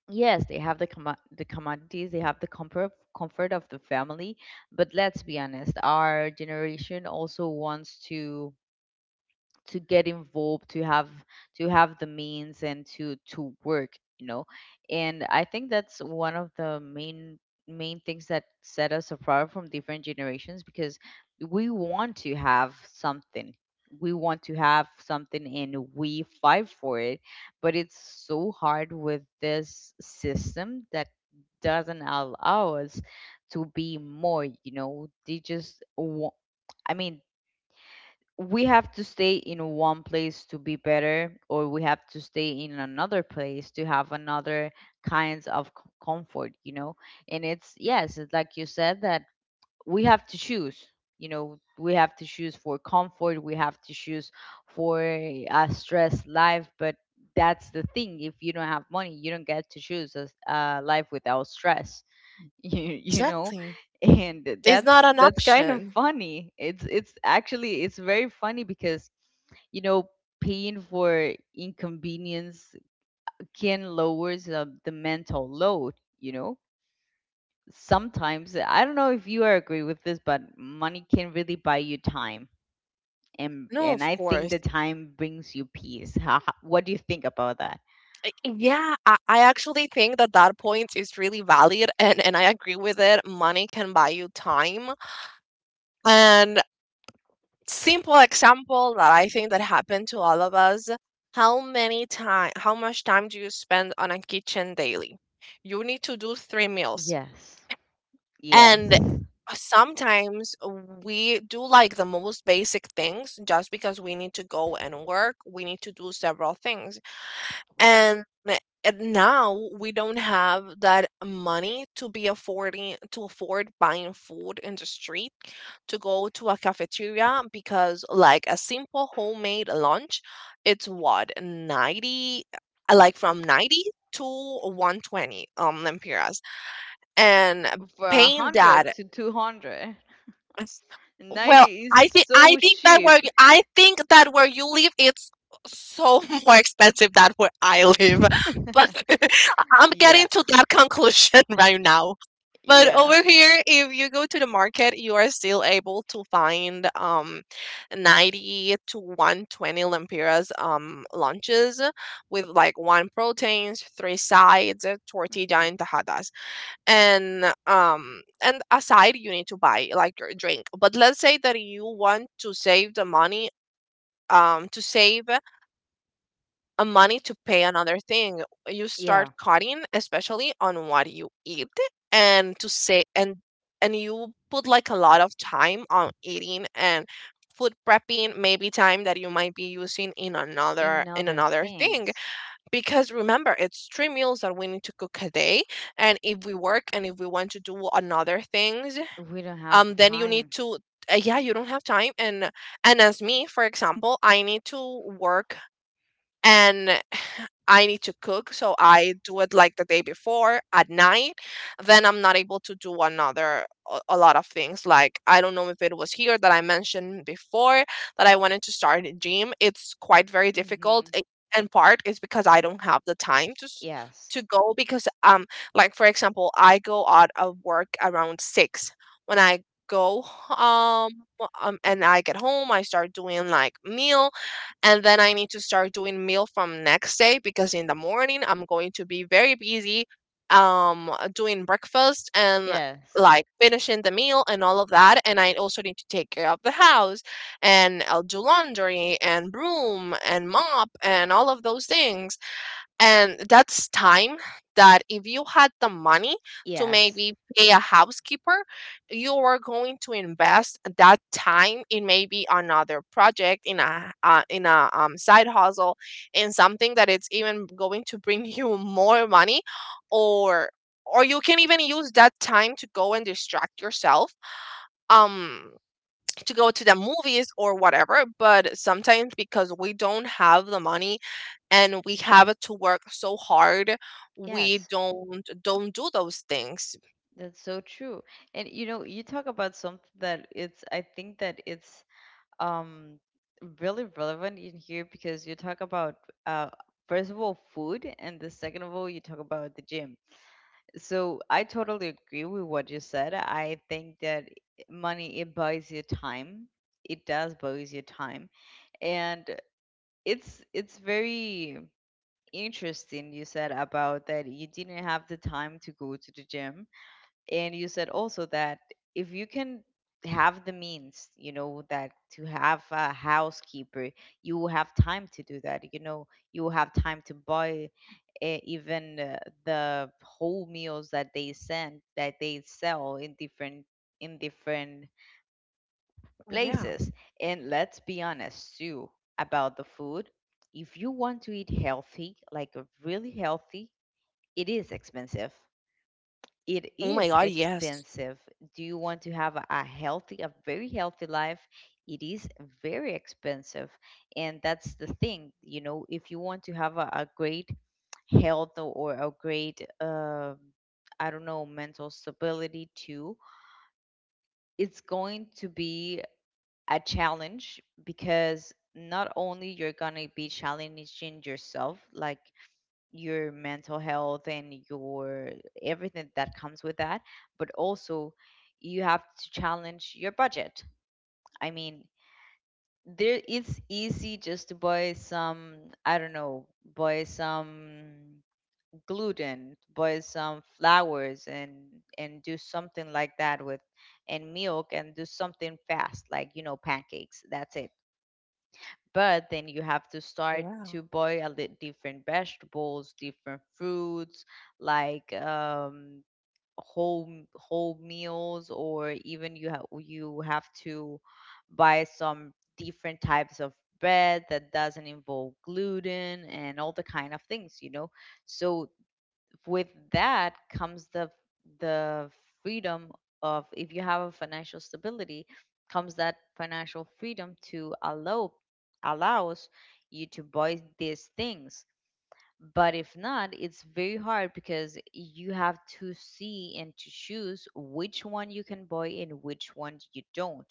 Speaker 2: yes, they have the the commodities, they have the comfort of the family, but let's be honest, our generation also wants to get involved, to have, to have the means and to work, you know. And I think that's one of the main things that set us apart from different generations, because we want to have something. We want to have something and we fight for it, but it's so hard with this system that doesn't allow us to be more. You know, they just want, I mean, we have to stay in one place to be better, or we have to stay in another place to have another kinds of comfort, you know. And it's, yes, it's like you said that we have to choose, you know, we have to choose for comfort, we have to choose for a stress life, but that's the thing, if you don't have money, you don't get to choose a life without stress, you know.
Speaker 1: exactly.
Speaker 2: And
Speaker 1: It's
Speaker 2: that's
Speaker 1: not an
Speaker 2: that's kind of
Speaker 1: option.
Speaker 2: funny. It's actually, it's very funny, because, you know, paying for inconvenience can lowers the mental load, you know. Sometimes, I don't know if you are agree with this, but money can really buy you time. And
Speaker 1: No, of
Speaker 2: I think
Speaker 1: course.
Speaker 2: the time brings you peace. How- what do you think about that?
Speaker 1: Yeah, I actually think that that point is really valid, and I agree with it. Money can buy you time. And simple example that I think that happened to all of us. How much time do you spend on a kitchen daily? You need to do three meals.
Speaker 2: Yes. Yes,
Speaker 1: And sometimes we do like the most basic things just because we need to go and work. We need to do several things and eh, and now we don't have that money to be afford buying food in the street to go to a cafeteria because like a simple homemade lunch it's what 90 like from 90 to 120 lempiras and
Speaker 2: for a
Speaker 1: paying
Speaker 2: hundred
Speaker 1: that
Speaker 2: to 200,
Speaker 1: it's- Well,
Speaker 2: 90 is
Speaker 1: I think I
Speaker 2: so
Speaker 1: think that
Speaker 2: cheap.
Speaker 1: I think that where you live, it's so more expensive than where I live. But I'm getting
Speaker 2: Yeah,
Speaker 1: to that conclusion right now. But
Speaker 2: yeah.
Speaker 1: over here, if you go to the market, you are still able to find 90 to 120 lempiras lunches with like one proteins, three sides, tortilla
Speaker 2: Hmm.
Speaker 1: and tajadas. And and aside you need to buy like your drink, but let's say that you want to save the money to save a money to pay another thing. You start
Speaker 2: Yeah,
Speaker 1: cutting especially on what you eat, and to say and you put like a lot of time on eating and food prepping, maybe time that you might be using
Speaker 2: in
Speaker 1: in
Speaker 2: other
Speaker 1: another thing,
Speaker 2: things,
Speaker 1: because remember it's three meals that we need to cook a day. And if we work and if we want to do another things,
Speaker 2: we don't have the
Speaker 1: then you need
Speaker 2: time.
Speaker 1: to yeah, you don't have time. And as me for example, I need to work and I need to cook, so I do it like the day before at night. Then I'm not able to do another a lot of things. Like, I don't know if it was here that I mentioned before that I wanted to start a gym. It's quite very difficult,
Speaker 2: Hmm.
Speaker 1: a- And part is because I don't have the time
Speaker 2: Yes,
Speaker 1: to go, because like for example I go out of work around six. When I go um and I get home, I start doing like meals, and then I need to start doing meal from next day because in the morning I'm going to be very busy doing breakfast and
Speaker 2: yes,
Speaker 1: like finishing the meal and all of that. And I also need to take care of the house, and I'll do laundry and broom and mop and all of those things. And that's time that, if you had the money to
Speaker 2: yes,
Speaker 1: maybe pay a housekeeper, you are going to invest that time in maybe another project, in a side hustle, in something that it's even going to bring you more money, or or you can even use that time to go and distract yourself. Um, to go to the movies or whatever. But sometimes because we don't have the money and we have to work so hard, we
Speaker 2: yes.
Speaker 1: don't do those things.
Speaker 2: That's so true. And you know, you talk about something that it's, I think that it's um really relevant in here, because you talk about, uh first of all, food, and the second of all, you talk about the gym. So I totally agree with what you said. I think that money, it buys you time. It does buys you time. And it's very interesting, you said about that you didn't have the time to go to the gym, and you said also that if you can have the means, you know, that to have a housekeeper, you will have time to do that. You know, you will have time to buy, eh, even the whole meals that they send, that they sell, in different
Speaker 1: Yeah.
Speaker 2: places. And let's be honest too, about the food, if you want to eat healthy, like, really healthy, it is expensive. It
Speaker 1: Oh my
Speaker 2: is
Speaker 1: god, yes.
Speaker 2: expensive. Do you want to have a healthy, a very healthy life? It is very expensive. And that's the thing, you know, if you want to have a great health, or a great I don't know mental stability too, it's going to be a challenge, because not only you're going to be challenging yourself, like, your mental health and your everything that comes with that, but also you have to challenge your budget. I mean, there, it's easy, just to buy some, I don't know, buy some gluten, boil some flowers, and do something like that with, and milk, and do something fast, like, you know, pancakes. That's it. But then you have to start
Speaker 1: Yeah.
Speaker 2: to boil different vegetables, different fruits, like, whole whole meals, or even you have to buy some different types of bread that doesn't involve gluten and all the kind of things, you know. So with that comes the freedom of, if you have a financial stability, comes that financial freedom to allows you to buy these things. But if not, it's very hard, because you have to see and to choose which one you can buy and which one you don't.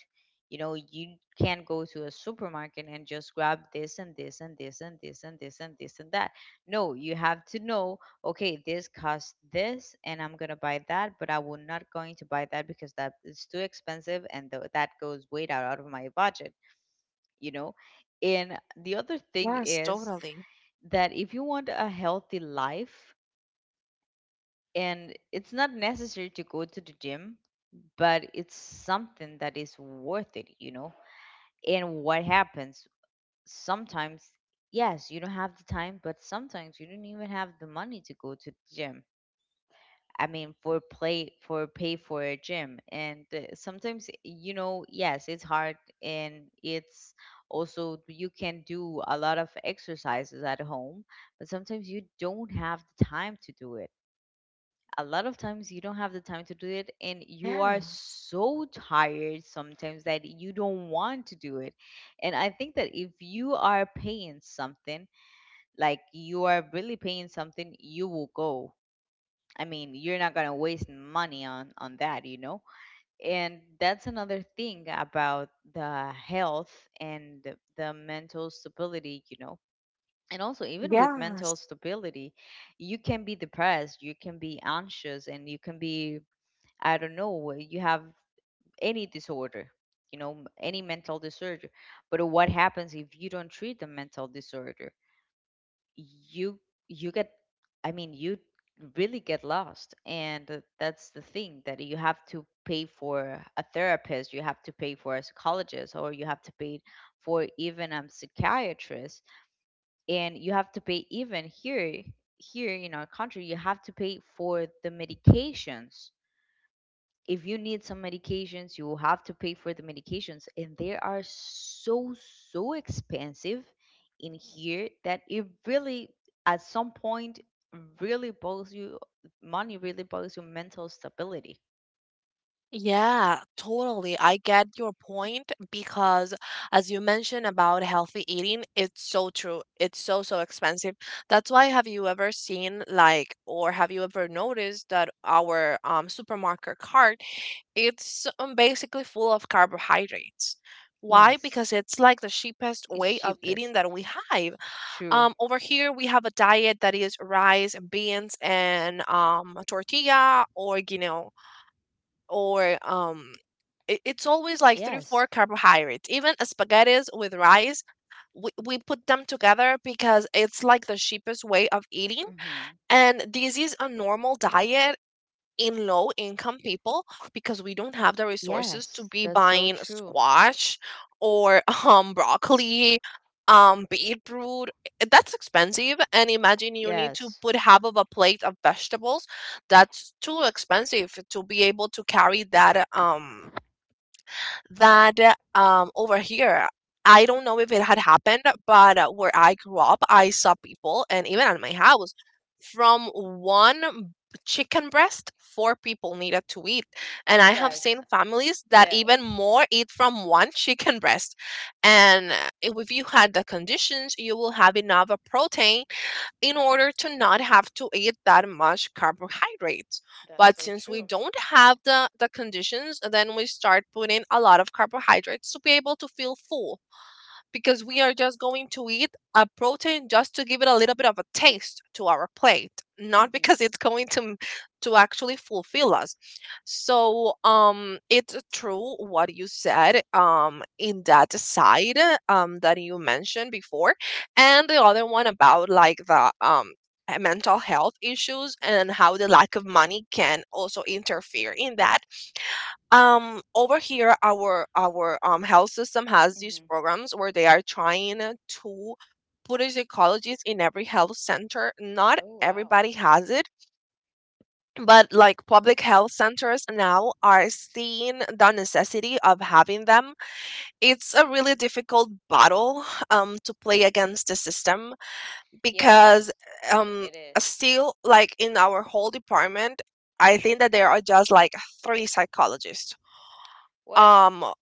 Speaker 2: You know, you can't go to a supermarket and just grab this and this and this and this and this and this and that. No, you have to know, okay, this costs this, and I'm going to buy that, but I will not going to buy that because that is too expensive and that goes way out, out of my budget, you know. And the other thing
Speaker 1: Yes,
Speaker 2: is
Speaker 1: totally.
Speaker 2: that if you want a healthy life, and it's not necessary to go to the gym, but it's something that is worth it, you know? And what happens? Sometimes, yes, you don't have the time, but sometimes you don't even have the money to go to the gym. I mean, for play for pay for a gym, and sometimes, you know, yes, it's hard, and it's also, you can do a lot of exercises at home, but sometimes you don't have the time to do it. A lot of times you don't have the time to do it, and you are
Speaker 1: Yeah.
Speaker 2: so tired sometimes that you don't want to do it. And I think that if you are paying something, like you are really paying something, you will go. I mean, you're not gonna waste money on that, you know. And that's another thing about the health and the mental stability, you know. And also, even with mental
Speaker 1: Yes.
Speaker 2: stability, you can be depressed, you can be anxious, and you can be I don't know, you have any disorder, any mental disorder. But what happens if you don't treat the mental disorder? you you get, I mean, you really get lost, and that's the thing that you have to pay for a therapist, you have to pay for a psychologist, or you have to pay for even a psychiatrist. And you have to pay even here, here in our country, you have to pay for the medications. If you need some medications, you will have to pay for the medications, and they are so expensive in here that it really, at some point, really bothers you. Money really bothers your mental stability.
Speaker 1: Yeah, totally, I get your point because, as you mentioned about healthy eating, it's so true. It's so, so expensive. That's why, have you ever seen, like, or have you ever noticed that our supermarket cart, it's basically full of carbohydrates? Why?
Speaker 2: Yes,
Speaker 1: Because it's like the cheapest
Speaker 2: it's
Speaker 1: way of
Speaker 2: cheapest.
Speaker 1: eating that we have.
Speaker 2: True.
Speaker 1: Over here we have a diet that is rice, beans, and tortilla, or you know, or it, it's always like three four
Speaker 2: Yes.
Speaker 1: carbohydrates, even a spaghettis with rice. We put them together because it's like the cheapest way of eating,
Speaker 2: Hmm.
Speaker 1: and this is a normal diet in low income people, because we don't have the resources to
Speaker 2: Yes,
Speaker 1: be
Speaker 2: that's so
Speaker 1: buying
Speaker 2: true.
Speaker 1: squash, or broccoli, beetroot. That's expensive, and imagine you need to
Speaker 2: Yes.
Speaker 1: put half of a plate of vegetables. That's too expensive to be able to carry that. Um, over here, I don't know if it had happened, but where I grew up, I saw people, and even at my house, from one chicken breast, four people needed to eat. And I have seen
Speaker 2: Yes.
Speaker 1: families that
Speaker 2: Yes.
Speaker 1: even more eat from one chicken breast. And if you had the conditions, you will have enough of protein in order to not have to eat that much carbohydrates.
Speaker 2: That's
Speaker 1: But
Speaker 2: so
Speaker 1: since we
Speaker 2: true.
Speaker 1: don't have the conditions, then we start putting a lot of carbohydrates to be able to feel full, because we are just going to eat a protein just to give it a little bit of a taste to our plate, not
Speaker 2: Hmm.
Speaker 1: because it's going to actually fulfill us. So, it's true what you said, in that side, that you mentioned before, and the other one about like the mental health issues and how the lack of money can also interfere in that. Um, over here our health system has these
Speaker 2: Hmm.
Speaker 1: programs where they are trying to put a psychologist in every health center. Not
Speaker 2: Oh wow.
Speaker 1: everybody has it, but like public health centers now are seeing the necessity of having them. It's a really difficult battle to play against the system, because
Speaker 2: Yes,
Speaker 1: um
Speaker 2: it is.
Speaker 1: still, like, in our whole department, I think that there are just like three psychologists
Speaker 2: What?
Speaker 1: um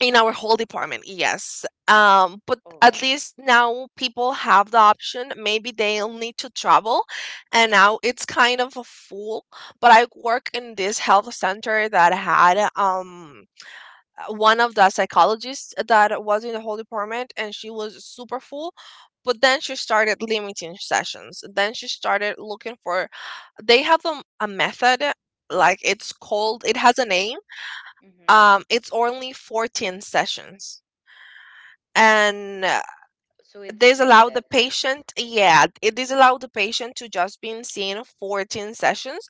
Speaker 1: in our whole department, yes. Um, but
Speaker 2: Oh
Speaker 1: at
Speaker 2: God.
Speaker 1: least now people have the option, maybe they'll need to travel, and now it's kind of a fool. But I work in this health center that
Speaker 2: Mhm.
Speaker 1: had one of the psychologists that was in the whole department, and she was super full. But then she started limiting sessions, then she started looking for, they have a method, like, it's called, it has a name,
Speaker 2: Mhm.
Speaker 1: it's only 14 sessions. And
Speaker 2: So it's limited.
Speaker 1: this
Speaker 2: Mhm.
Speaker 1: allow the patient to just been seen 14 sessions.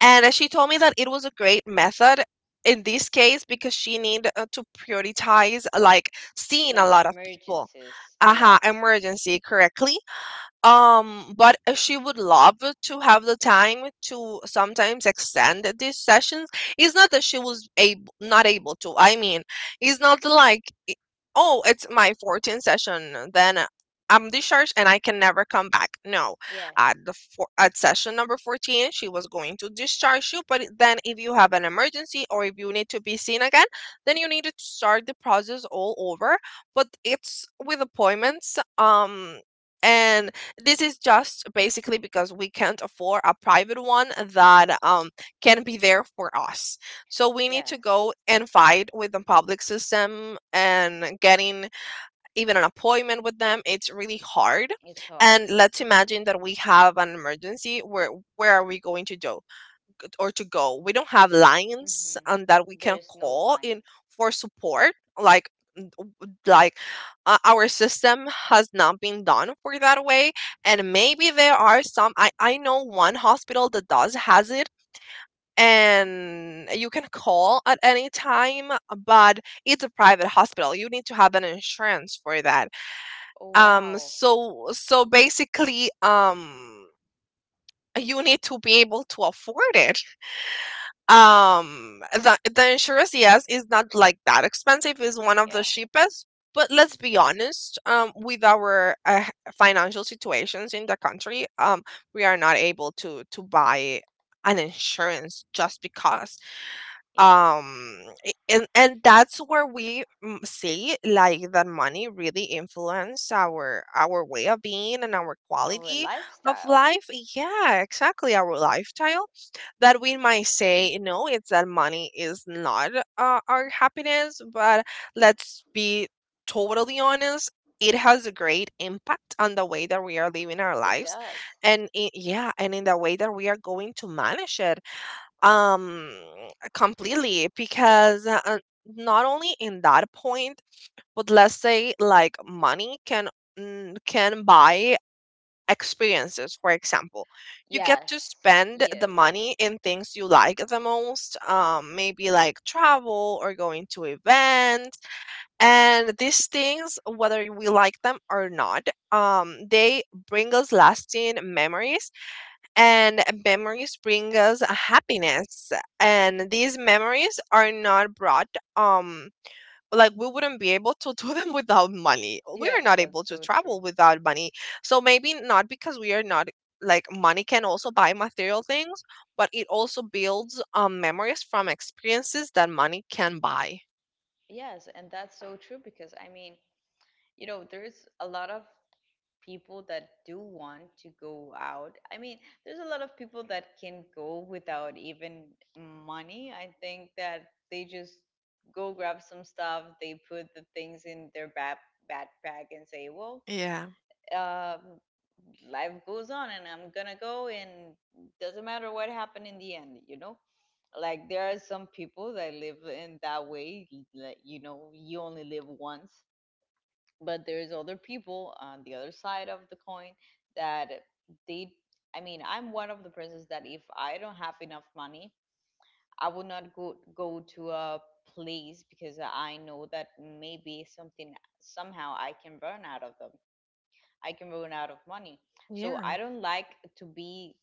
Speaker 1: And she told me that it was a great method in this case because she need to prioritize, like seeing
Speaker 2: Like
Speaker 1: a lot of people.
Speaker 2: emergencies.
Speaker 1: Aha,
Speaker 2: Yes.
Speaker 1: emergency correctly. Um, but she would love to have the time to sometimes extend these sessions. It's not that she was not able to. I mean, it's not like, oh, it's my 14th session, then I'm discharged and I can never come back. No,
Speaker 2: Yes.
Speaker 1: at session number 14, she was going to discharge you. But then, if you have an emergency or if you need to be seen again, then you need to start the process all over. But it's with appointments. And this is just basically because we can't afford a private one that can be there for us. So we need to
Speaker 2: Yes.
Speaker 1: go and fight with the public system, and getting even an appointment with them, it's really hard.
Speaker 2: It's hard.
Speaker 1: And let's imagine that we have an emergency. Where are we going to go? We don't have lines
Speaker 2: Mhm.
Speaker 1: and that we can
Speaker 2: There's no
Speaker 1: call in
Speaker 2: lines.
Speaker 1: for support. Like, like, our system has not been done for that way. And maybe there are some, I know one hospital that does has it, and you can call at any time, but it's a private hospital, you need to have an insurance for that.
Speaker 2: Oh
Speaker 1: Um,
Speaker 2: wow.
Speaker 1: so so basically you need to be able to afford it, the insurance, yes, is not like that expensive, is one of the
Speaker 2: Yeah.
Speaker 1: cheapest. But let's be honest, with our financial situations in the country, we are not able to buy an insurance just because.
Speaker 2: Yes.
Speaker 1: Um, and that's where we mm, see like that money really influence our way of being and our
Speaker 2: Our
Speaker 1: quality of
Speaker 2: lifestyle.
Speaker 1: life. Yeah, exactly, our lifestyle. That we might say, no, it's that money is not our happiness, but let's be totally honest, it has a great impact on the way that we are living our
Speaker 2: It
Speaker 1: lives.
Speaker 2: does.
Speaker 1: And I yeah, and in the way that we are going to manage it, um completely,
Speaker 2: Yeah.
Speaker 1: because not only in that point, but let's say like money can mm, can buy experiences, for example. You get to
Speaker 2: Yes.
Speaker 1: spend the
Speaker 2: Yes.
Speaker 1: money in things you like the most, maybe like travel or going to events, and these things, whether we like them or not, they bring us lasting memories, and memories bring us happiness. And these memories are not brought um like, we wouldn't be able to do them without money. We are
Speaker 2: Yes,
Speaker 1: not able
Speaker 2: that's
Speaker 1: to
Speaker 2: so true.
Speaker 1: travel without money, so maybe not, because we are not, like, money can also buy material things, but it also builds memories from experiences that money can buy.
Speaker 2: Yes, and that's so true because I mean, there's a lot of people that do want to go out. I mean, there's a lot of people that can go without even money. I think that they just go grab some stuff, they put the things in their backpack and say, "Well,
Speaker 1: Yeah.
Speaker 2: um, life goes on and I'm going to go and doesn't matter what happened in the end, you know?" Like there are some people that live in that way, like you only live once, but there's other people on the other side of the coin. That they i mean I'm one of the persons that if I don't have enough money, I will not go to a place because I know that maybe something somehow I can run out of them. I can run out of money, so
Speaker 1: Yeah.
Speaker 2: I don't like to be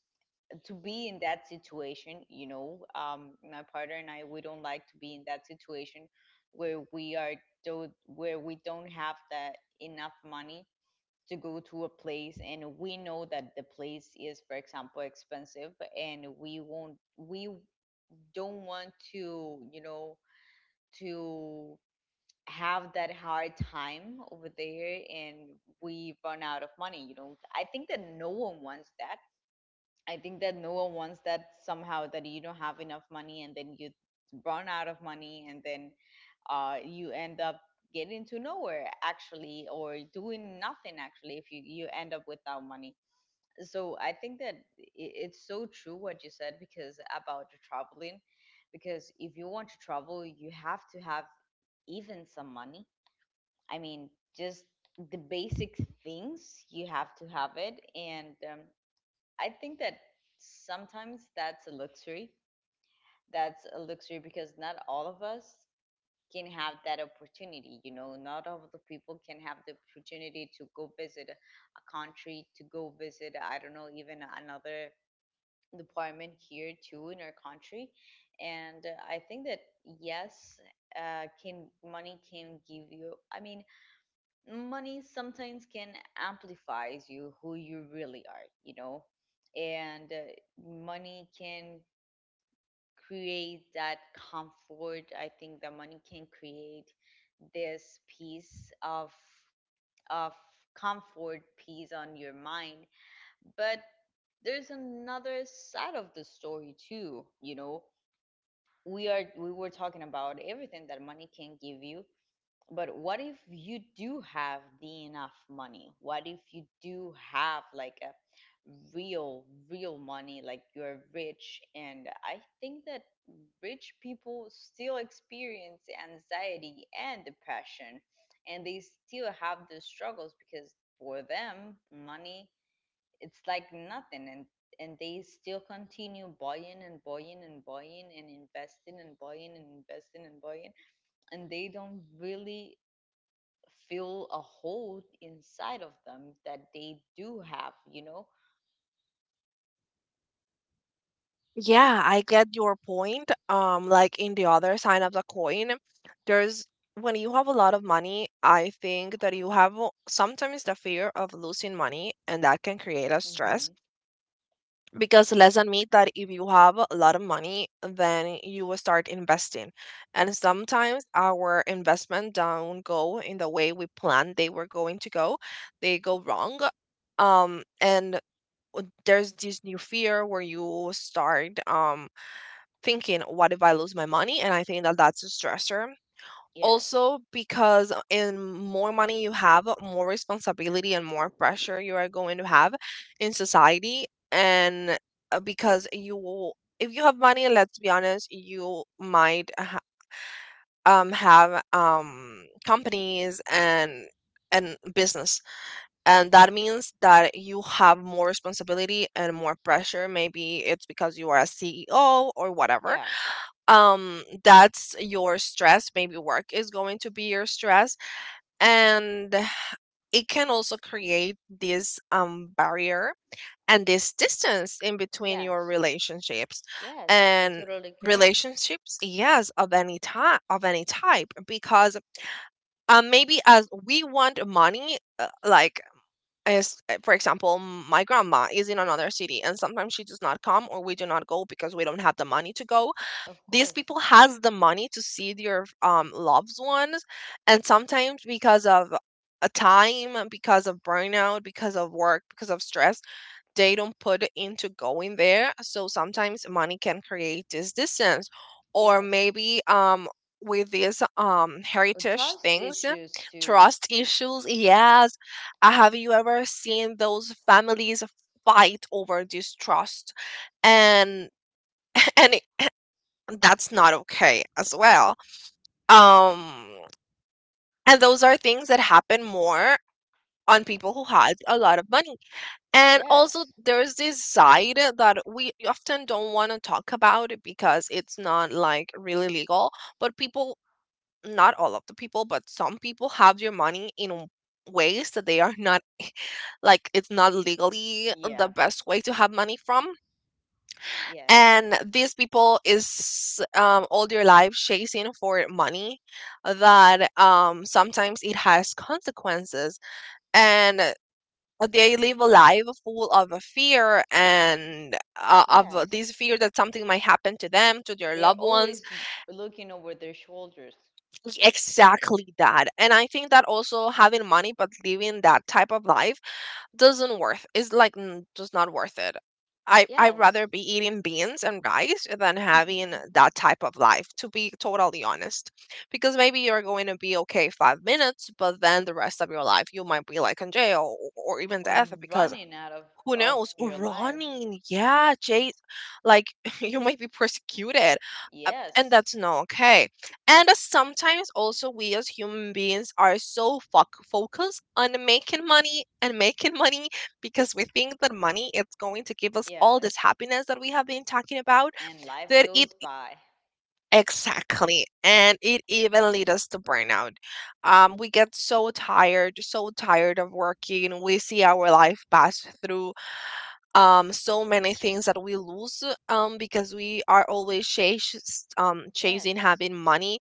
Speaker 2: to be in that situation. My partner and I, we don't like to be in that situation where we are where we don't have that enough money to go to a place, and we know that the place is, for example, expensive, and we don't want to, to have that hard time over there and we run out of money. I think that no one wants that. I think that no one wants that somehow, that you don't have enough money and then you run out of money and then you end up getting to nowhere actually, or doing nothing actually if you end up without money. So I think that it's so true what you said, because about the traveling, because if you want to travel, you have to have even some money. I mean, just the basic things you have to have it, and I think that sometimes that's a luxury. That's a luxury because not all of us can have that opportunity. Not all of the people can have the opportunity to go visit a country, to go visit I don't know even another deployment here too in our country. And I think that, yes, can money can give you, I mean, money sometimes can amplifies you who you really are. And money can create that comfort. I think that money can create this piece of comfort, peace on your mind. But there's another side of the story too. We were talking about everything that money can give you, but what if you do have the enough money, what if you do have like a real real money, like you're rich? And I think that rich people still experience anxiety and depression, and they still have those struggles, because for them money, it's like nothing. And they still continue buying and buying and buying and investing and buying and investing and buying, and they don't really feel a hole inside of them that they do have.
Speaker 1: Yeah, I get your point. Like, in the other side of the coin, there's when you have a lot of money, I think that you have sometimes the fear of losing money, and that can create a stress,
Speaker 2: Mm-hmm.
Speaker 1: because lesson mean that if you have a lot of money, then you will start investing. And sometimes our investment don't go in the way we planned they were going to go. They go wrong. And there's this new fear where you start thinking, what if I lose my money? And I think that that's a stressor.
Speaker 2: Yes.
Speaker 1: Also, because in more money you have, more responsibility and more pressure you are going to have in society. And Because you, if you have money, let's be honest, you might have companies and business, and that means that you have more responsibility and more pressure. Maybe it's because you are a CEO or whatever.
Speaker 2: Yeah.
Speaker 1: That's your stress. Maybe work is going to be your stress. And it can also create this barrier and this distance in between your
Speaker 2: Yes.
Speaker 1: relationships.
Speaker 2: Yes. I
Speaker 1: And
Speaker 2: totally agree.
Speaker 1: relationships, yes, of any type, of any type, because maybe as we want money, like as for example, my grandma is in another city and sometimes she does not come or we do not go because we don't have the money to go.
Speaker 2: Of
Speaker 1: These
Speaker 2: course.
Speaker 1: people has the money to see their loved ones, and sometimes because of a time, because of burnout, because of work, because of stress, they don't put it into going there. So sometimes money can create this distance. Or
Speaker 2: Yes.
Speaker 1: maybe with these heritage
Speaker 2: Trust
Speaker 1: things,
Speaker 2: issues too.
Speaker 1: trust issues, yes. Have you ever seen those families fight over this trust? And and that's not okay as well. Um, and those are things that happen more on people who has a lot of money. And also,
Speaker 2: Yes.
Speaker 1: there's this side that we often don't want to talk about because it's not like really legal. But people, not all of the people, but some people have their money in ways that they are not like it's not legally
Speaker 2: Yeah.
Speaker 1: the best way to have money from.
Speaker 2: Yes.
Speaker 1: And these people is all their life chasing for money, that sometimes it has consequences. And they live a life full of a fear and of
Speaker 2: Yes.
Speaker 1: this fear that something might happen to them, to their
Speaker 2: They're
Speaker 1: loved ones.
Speaker 2: always looking over their shoulders.
Speaker 1: Exactly that. And I think that also having money but living that type of life doesn't worth. Is like just not worth it. I'd
Speaker 2: Yes.
Speaker 1: rather be eating beans and rice than having that type of life, to be totally honest. Because maybe you're going to be okay 5 minutes, but then the rest of your life you might be like in jail or even
Speaker 2: Or
Speaker 1: death, because
Speaker 2: running out of,
Speaker 1: who
Speaker 2: of
Speaker 1: knows? Or
Speaker 2: your life.
Speaker 1: running. Yeah, Jay, like you might be persecuted. And
Speaker 2: Yes.
Speaker 1: that's not okay. And sometimes also we as human beings are so focused on making money and making money, because we think that money is going to give us all
Speaker 2: Yes.
Speaker 1: this happiness that we have been talking about,
Speaker 2: And life
Speaker 1: that
Speaker 2: goes
Speaker 1: it,
Speaker 2: by.
Speaker 1: exactly, and it even leads us to burnout. We get so tired, so tired of working. We see our life pass through so many things that we lose, because we are always chasing
Speaker 2: Yes.
Speaker 1: having money,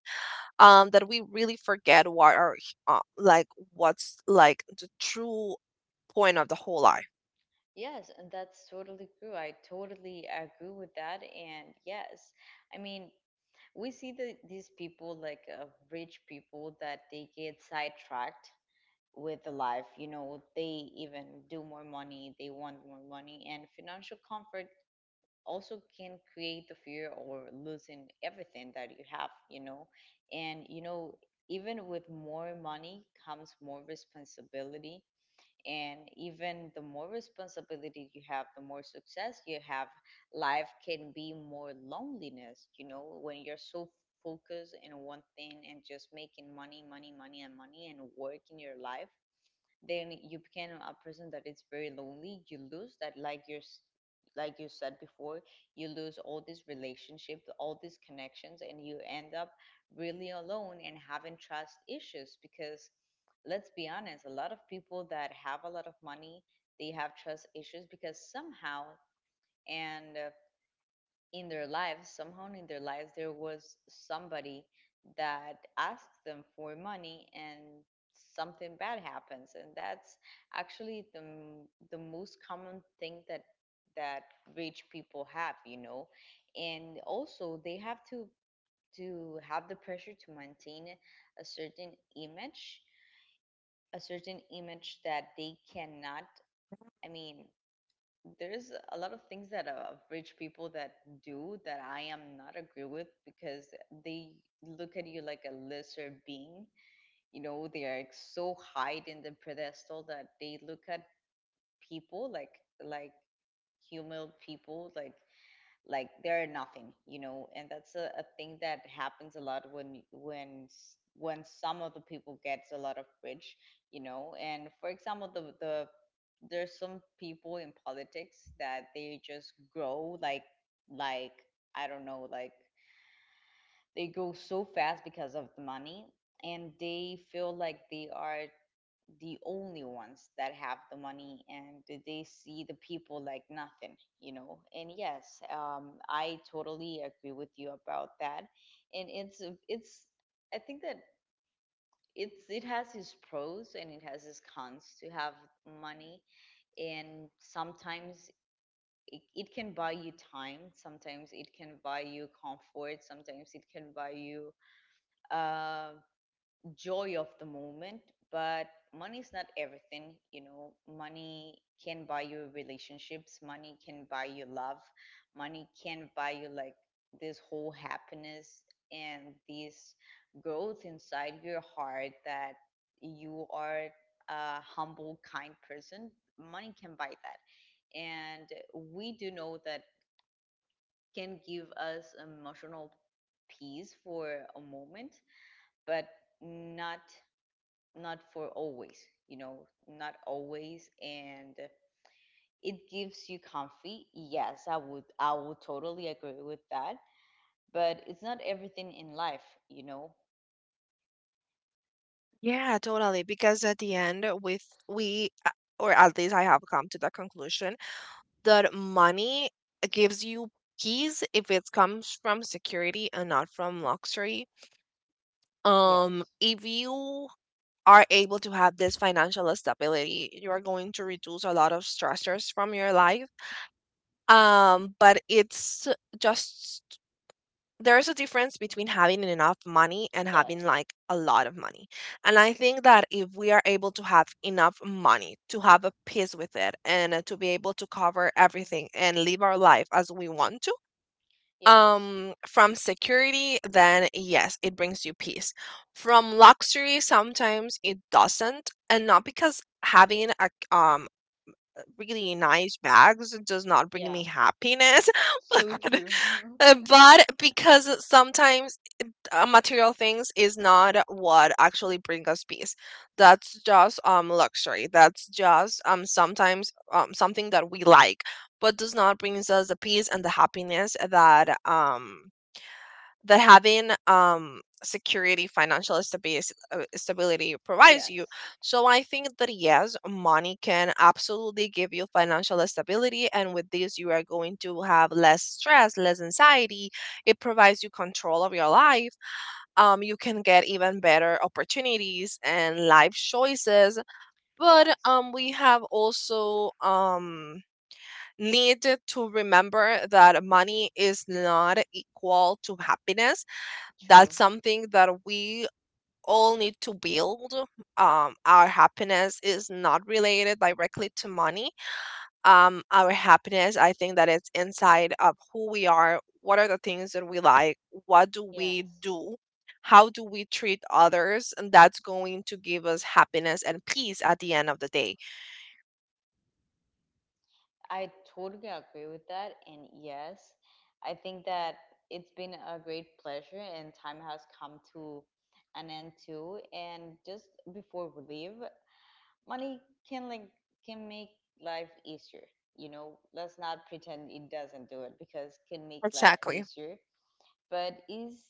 Speaker 1: that we really forget what are, like, what's like the true point of the whole life.
Speaker 2: Yes, and that's totally true. I totally agree with that. And yes, I mean, we see these people, like rich people, that they get sidetracked with the life. They even do more money, they want more money, and financial comfort also can create the fear or losing everything that you have. And, you know, even with more money comes more responsibility. And even the more responsibility you have, the more success you have, life can be more loneliness, you know, when you're so focused in one thing and just making money, money, money, and money and work in your life. Then you become a person that is very lonely, you lose that, like you said before, you lose all these relationships, all these connections, and you end up really alone and having trust issues, because let's be honest, a lot of people that have a lot of money, they have trust issues because somehow, and in their lives, somehow in their lives, there was somebody that asked them for money, and something bad happens. And that's actually the most common thing that rich people have. And also they have to have the pressure to maintain a certain image, a certain image that they cannot, I mean, there's a lot of things that rich people that do that I am not agree with because they look at you like a lesser being. They are like, so high in the pedestal that they look at people like human people like they're nothing. And that's a thing that happens a lot when some of the people gets a lot of rich. And for example, there's some people in politics that they just grow like I don't know, like they grow so fast because of the money, and they feel like they are the only ones that have the money and they see the people like nothing, you know. And yes, I totally agree with you about that. And it's a- it's I think that it has its pros and it has its cons to have money. And sometimes it can buy you time. Sometimes it can buy you comfort. Sometimes it can buy you um joy of the moment, but money is not everything. Money can buy you relationships, money can buy you love, money can buy you like this whole happiness and this growth inside your heart that you are a humble, kind person. Money can buy that. And we do know that can give us emotional peace for a moment, but not not for always, not always. And it gives you comfy. Yes, I would, totally agree with that. But it's not everything in life, you know.
Speaker 1: Yeah, totally. Because at the end, or at least I have come to the conclusion that money gives you peace if it comes from security and not from luxury.
Speaker 2: Yes,
Speaker 1: If you are able to have this financial stability, you are going to reduce a lot of stressors from your life. But it's just there is a difference between having enough money and having
Speaker 2: yes,
Speaker 1: like a lot of money. And I think that if we are able to have enough money to have a peace with it and to be able to cover everything and live our life as we want to,
Speaker 2: yes,
Speaker 1: from security, then yes, it brings you peace. From luxury, sometimes it doesn't, and not because having a um really nice bags does not bring
Speaker 2: yeah.
Speaker 1: me happiness,
Speaker 2: So
Speaker 1: but
Speaker 2: true.
Speaker 1: but because sometimes material things is not what actually bring us peace. That's just luxury. That's just sometimes something that we like, but does not brings us the peace and the happiness that having security financial stability provides you.
Speaker 2: Yes,
Speaker 1: So I think that yes, money can absolutely give you financial stability, and with this you are going to have less stress, less anxiety. It provides you control of your life. You can get even better opportunities and life choices. But
Speaker 2: yes,
Speaker 1: we have also need to remember that money is not equal to happiness.
Speaker 2: true.
Speaker 1: That's something that we all need to build. Our happiness is not related directly to money. Our happiness, I think that it's inside of who we are, what are the things that we like, what do we
Speaker 2: Yes.
Speaker 1: do, how do we treat others, and that's going to give us happiness and peace at the end of the day.
Speaker 2: I totally agree with that. And yes, I think that it's been a great pleasure, and time has come to an end too. And just before we leave, money can like can make life easier. Let's not pretend it doesn't do it because it can make life
Speaker 1: Exactly.
Speaker 2: easier. But is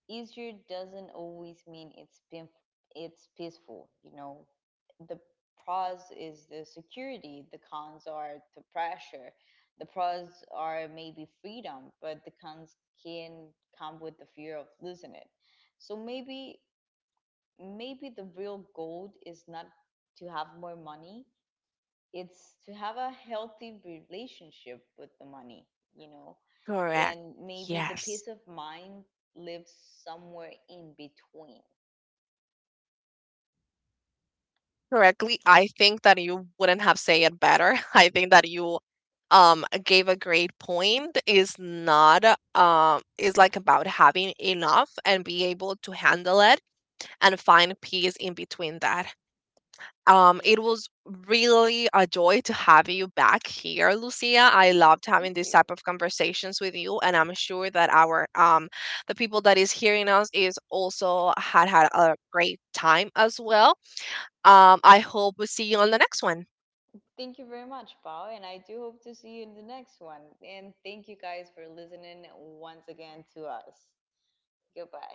Speaker 2: easier doesn't always mean it's peaceful. The pros is the security, the cons are the pressure. The pros are maybe freedom, but the cons can come with the fear of losing it, so maybe the real goal is not to have more money, it's to have a healthy relationship with the money you know
Speaker 1: Correct.
Speaker 2: and maybe the peace
Speaker 1: Yes.
Speaker 2: of mind lives somewhere in between.
Speaker 1: Correctly, I think that you wouldn't have said it better. I think that you gave a great point. Is not is like about having enough and be able to handle it and find peace in between that.
Speaker 2: Yeah.
Speaker 1: It was really a joy to have you back here, Lucia. I loved having
Speaker 2: Thank
Speaker 1: this
Speaker 2: you.
Speaker 1: type of conversations with you, and I'm sure that our the people that is hearing us is also had a great time as well. I hope we see you on the next one.
Speaker 2: Thank you very much, Bao, and I do hope to see you in the next one. And thank you guys for listening once again to us. Goodbye.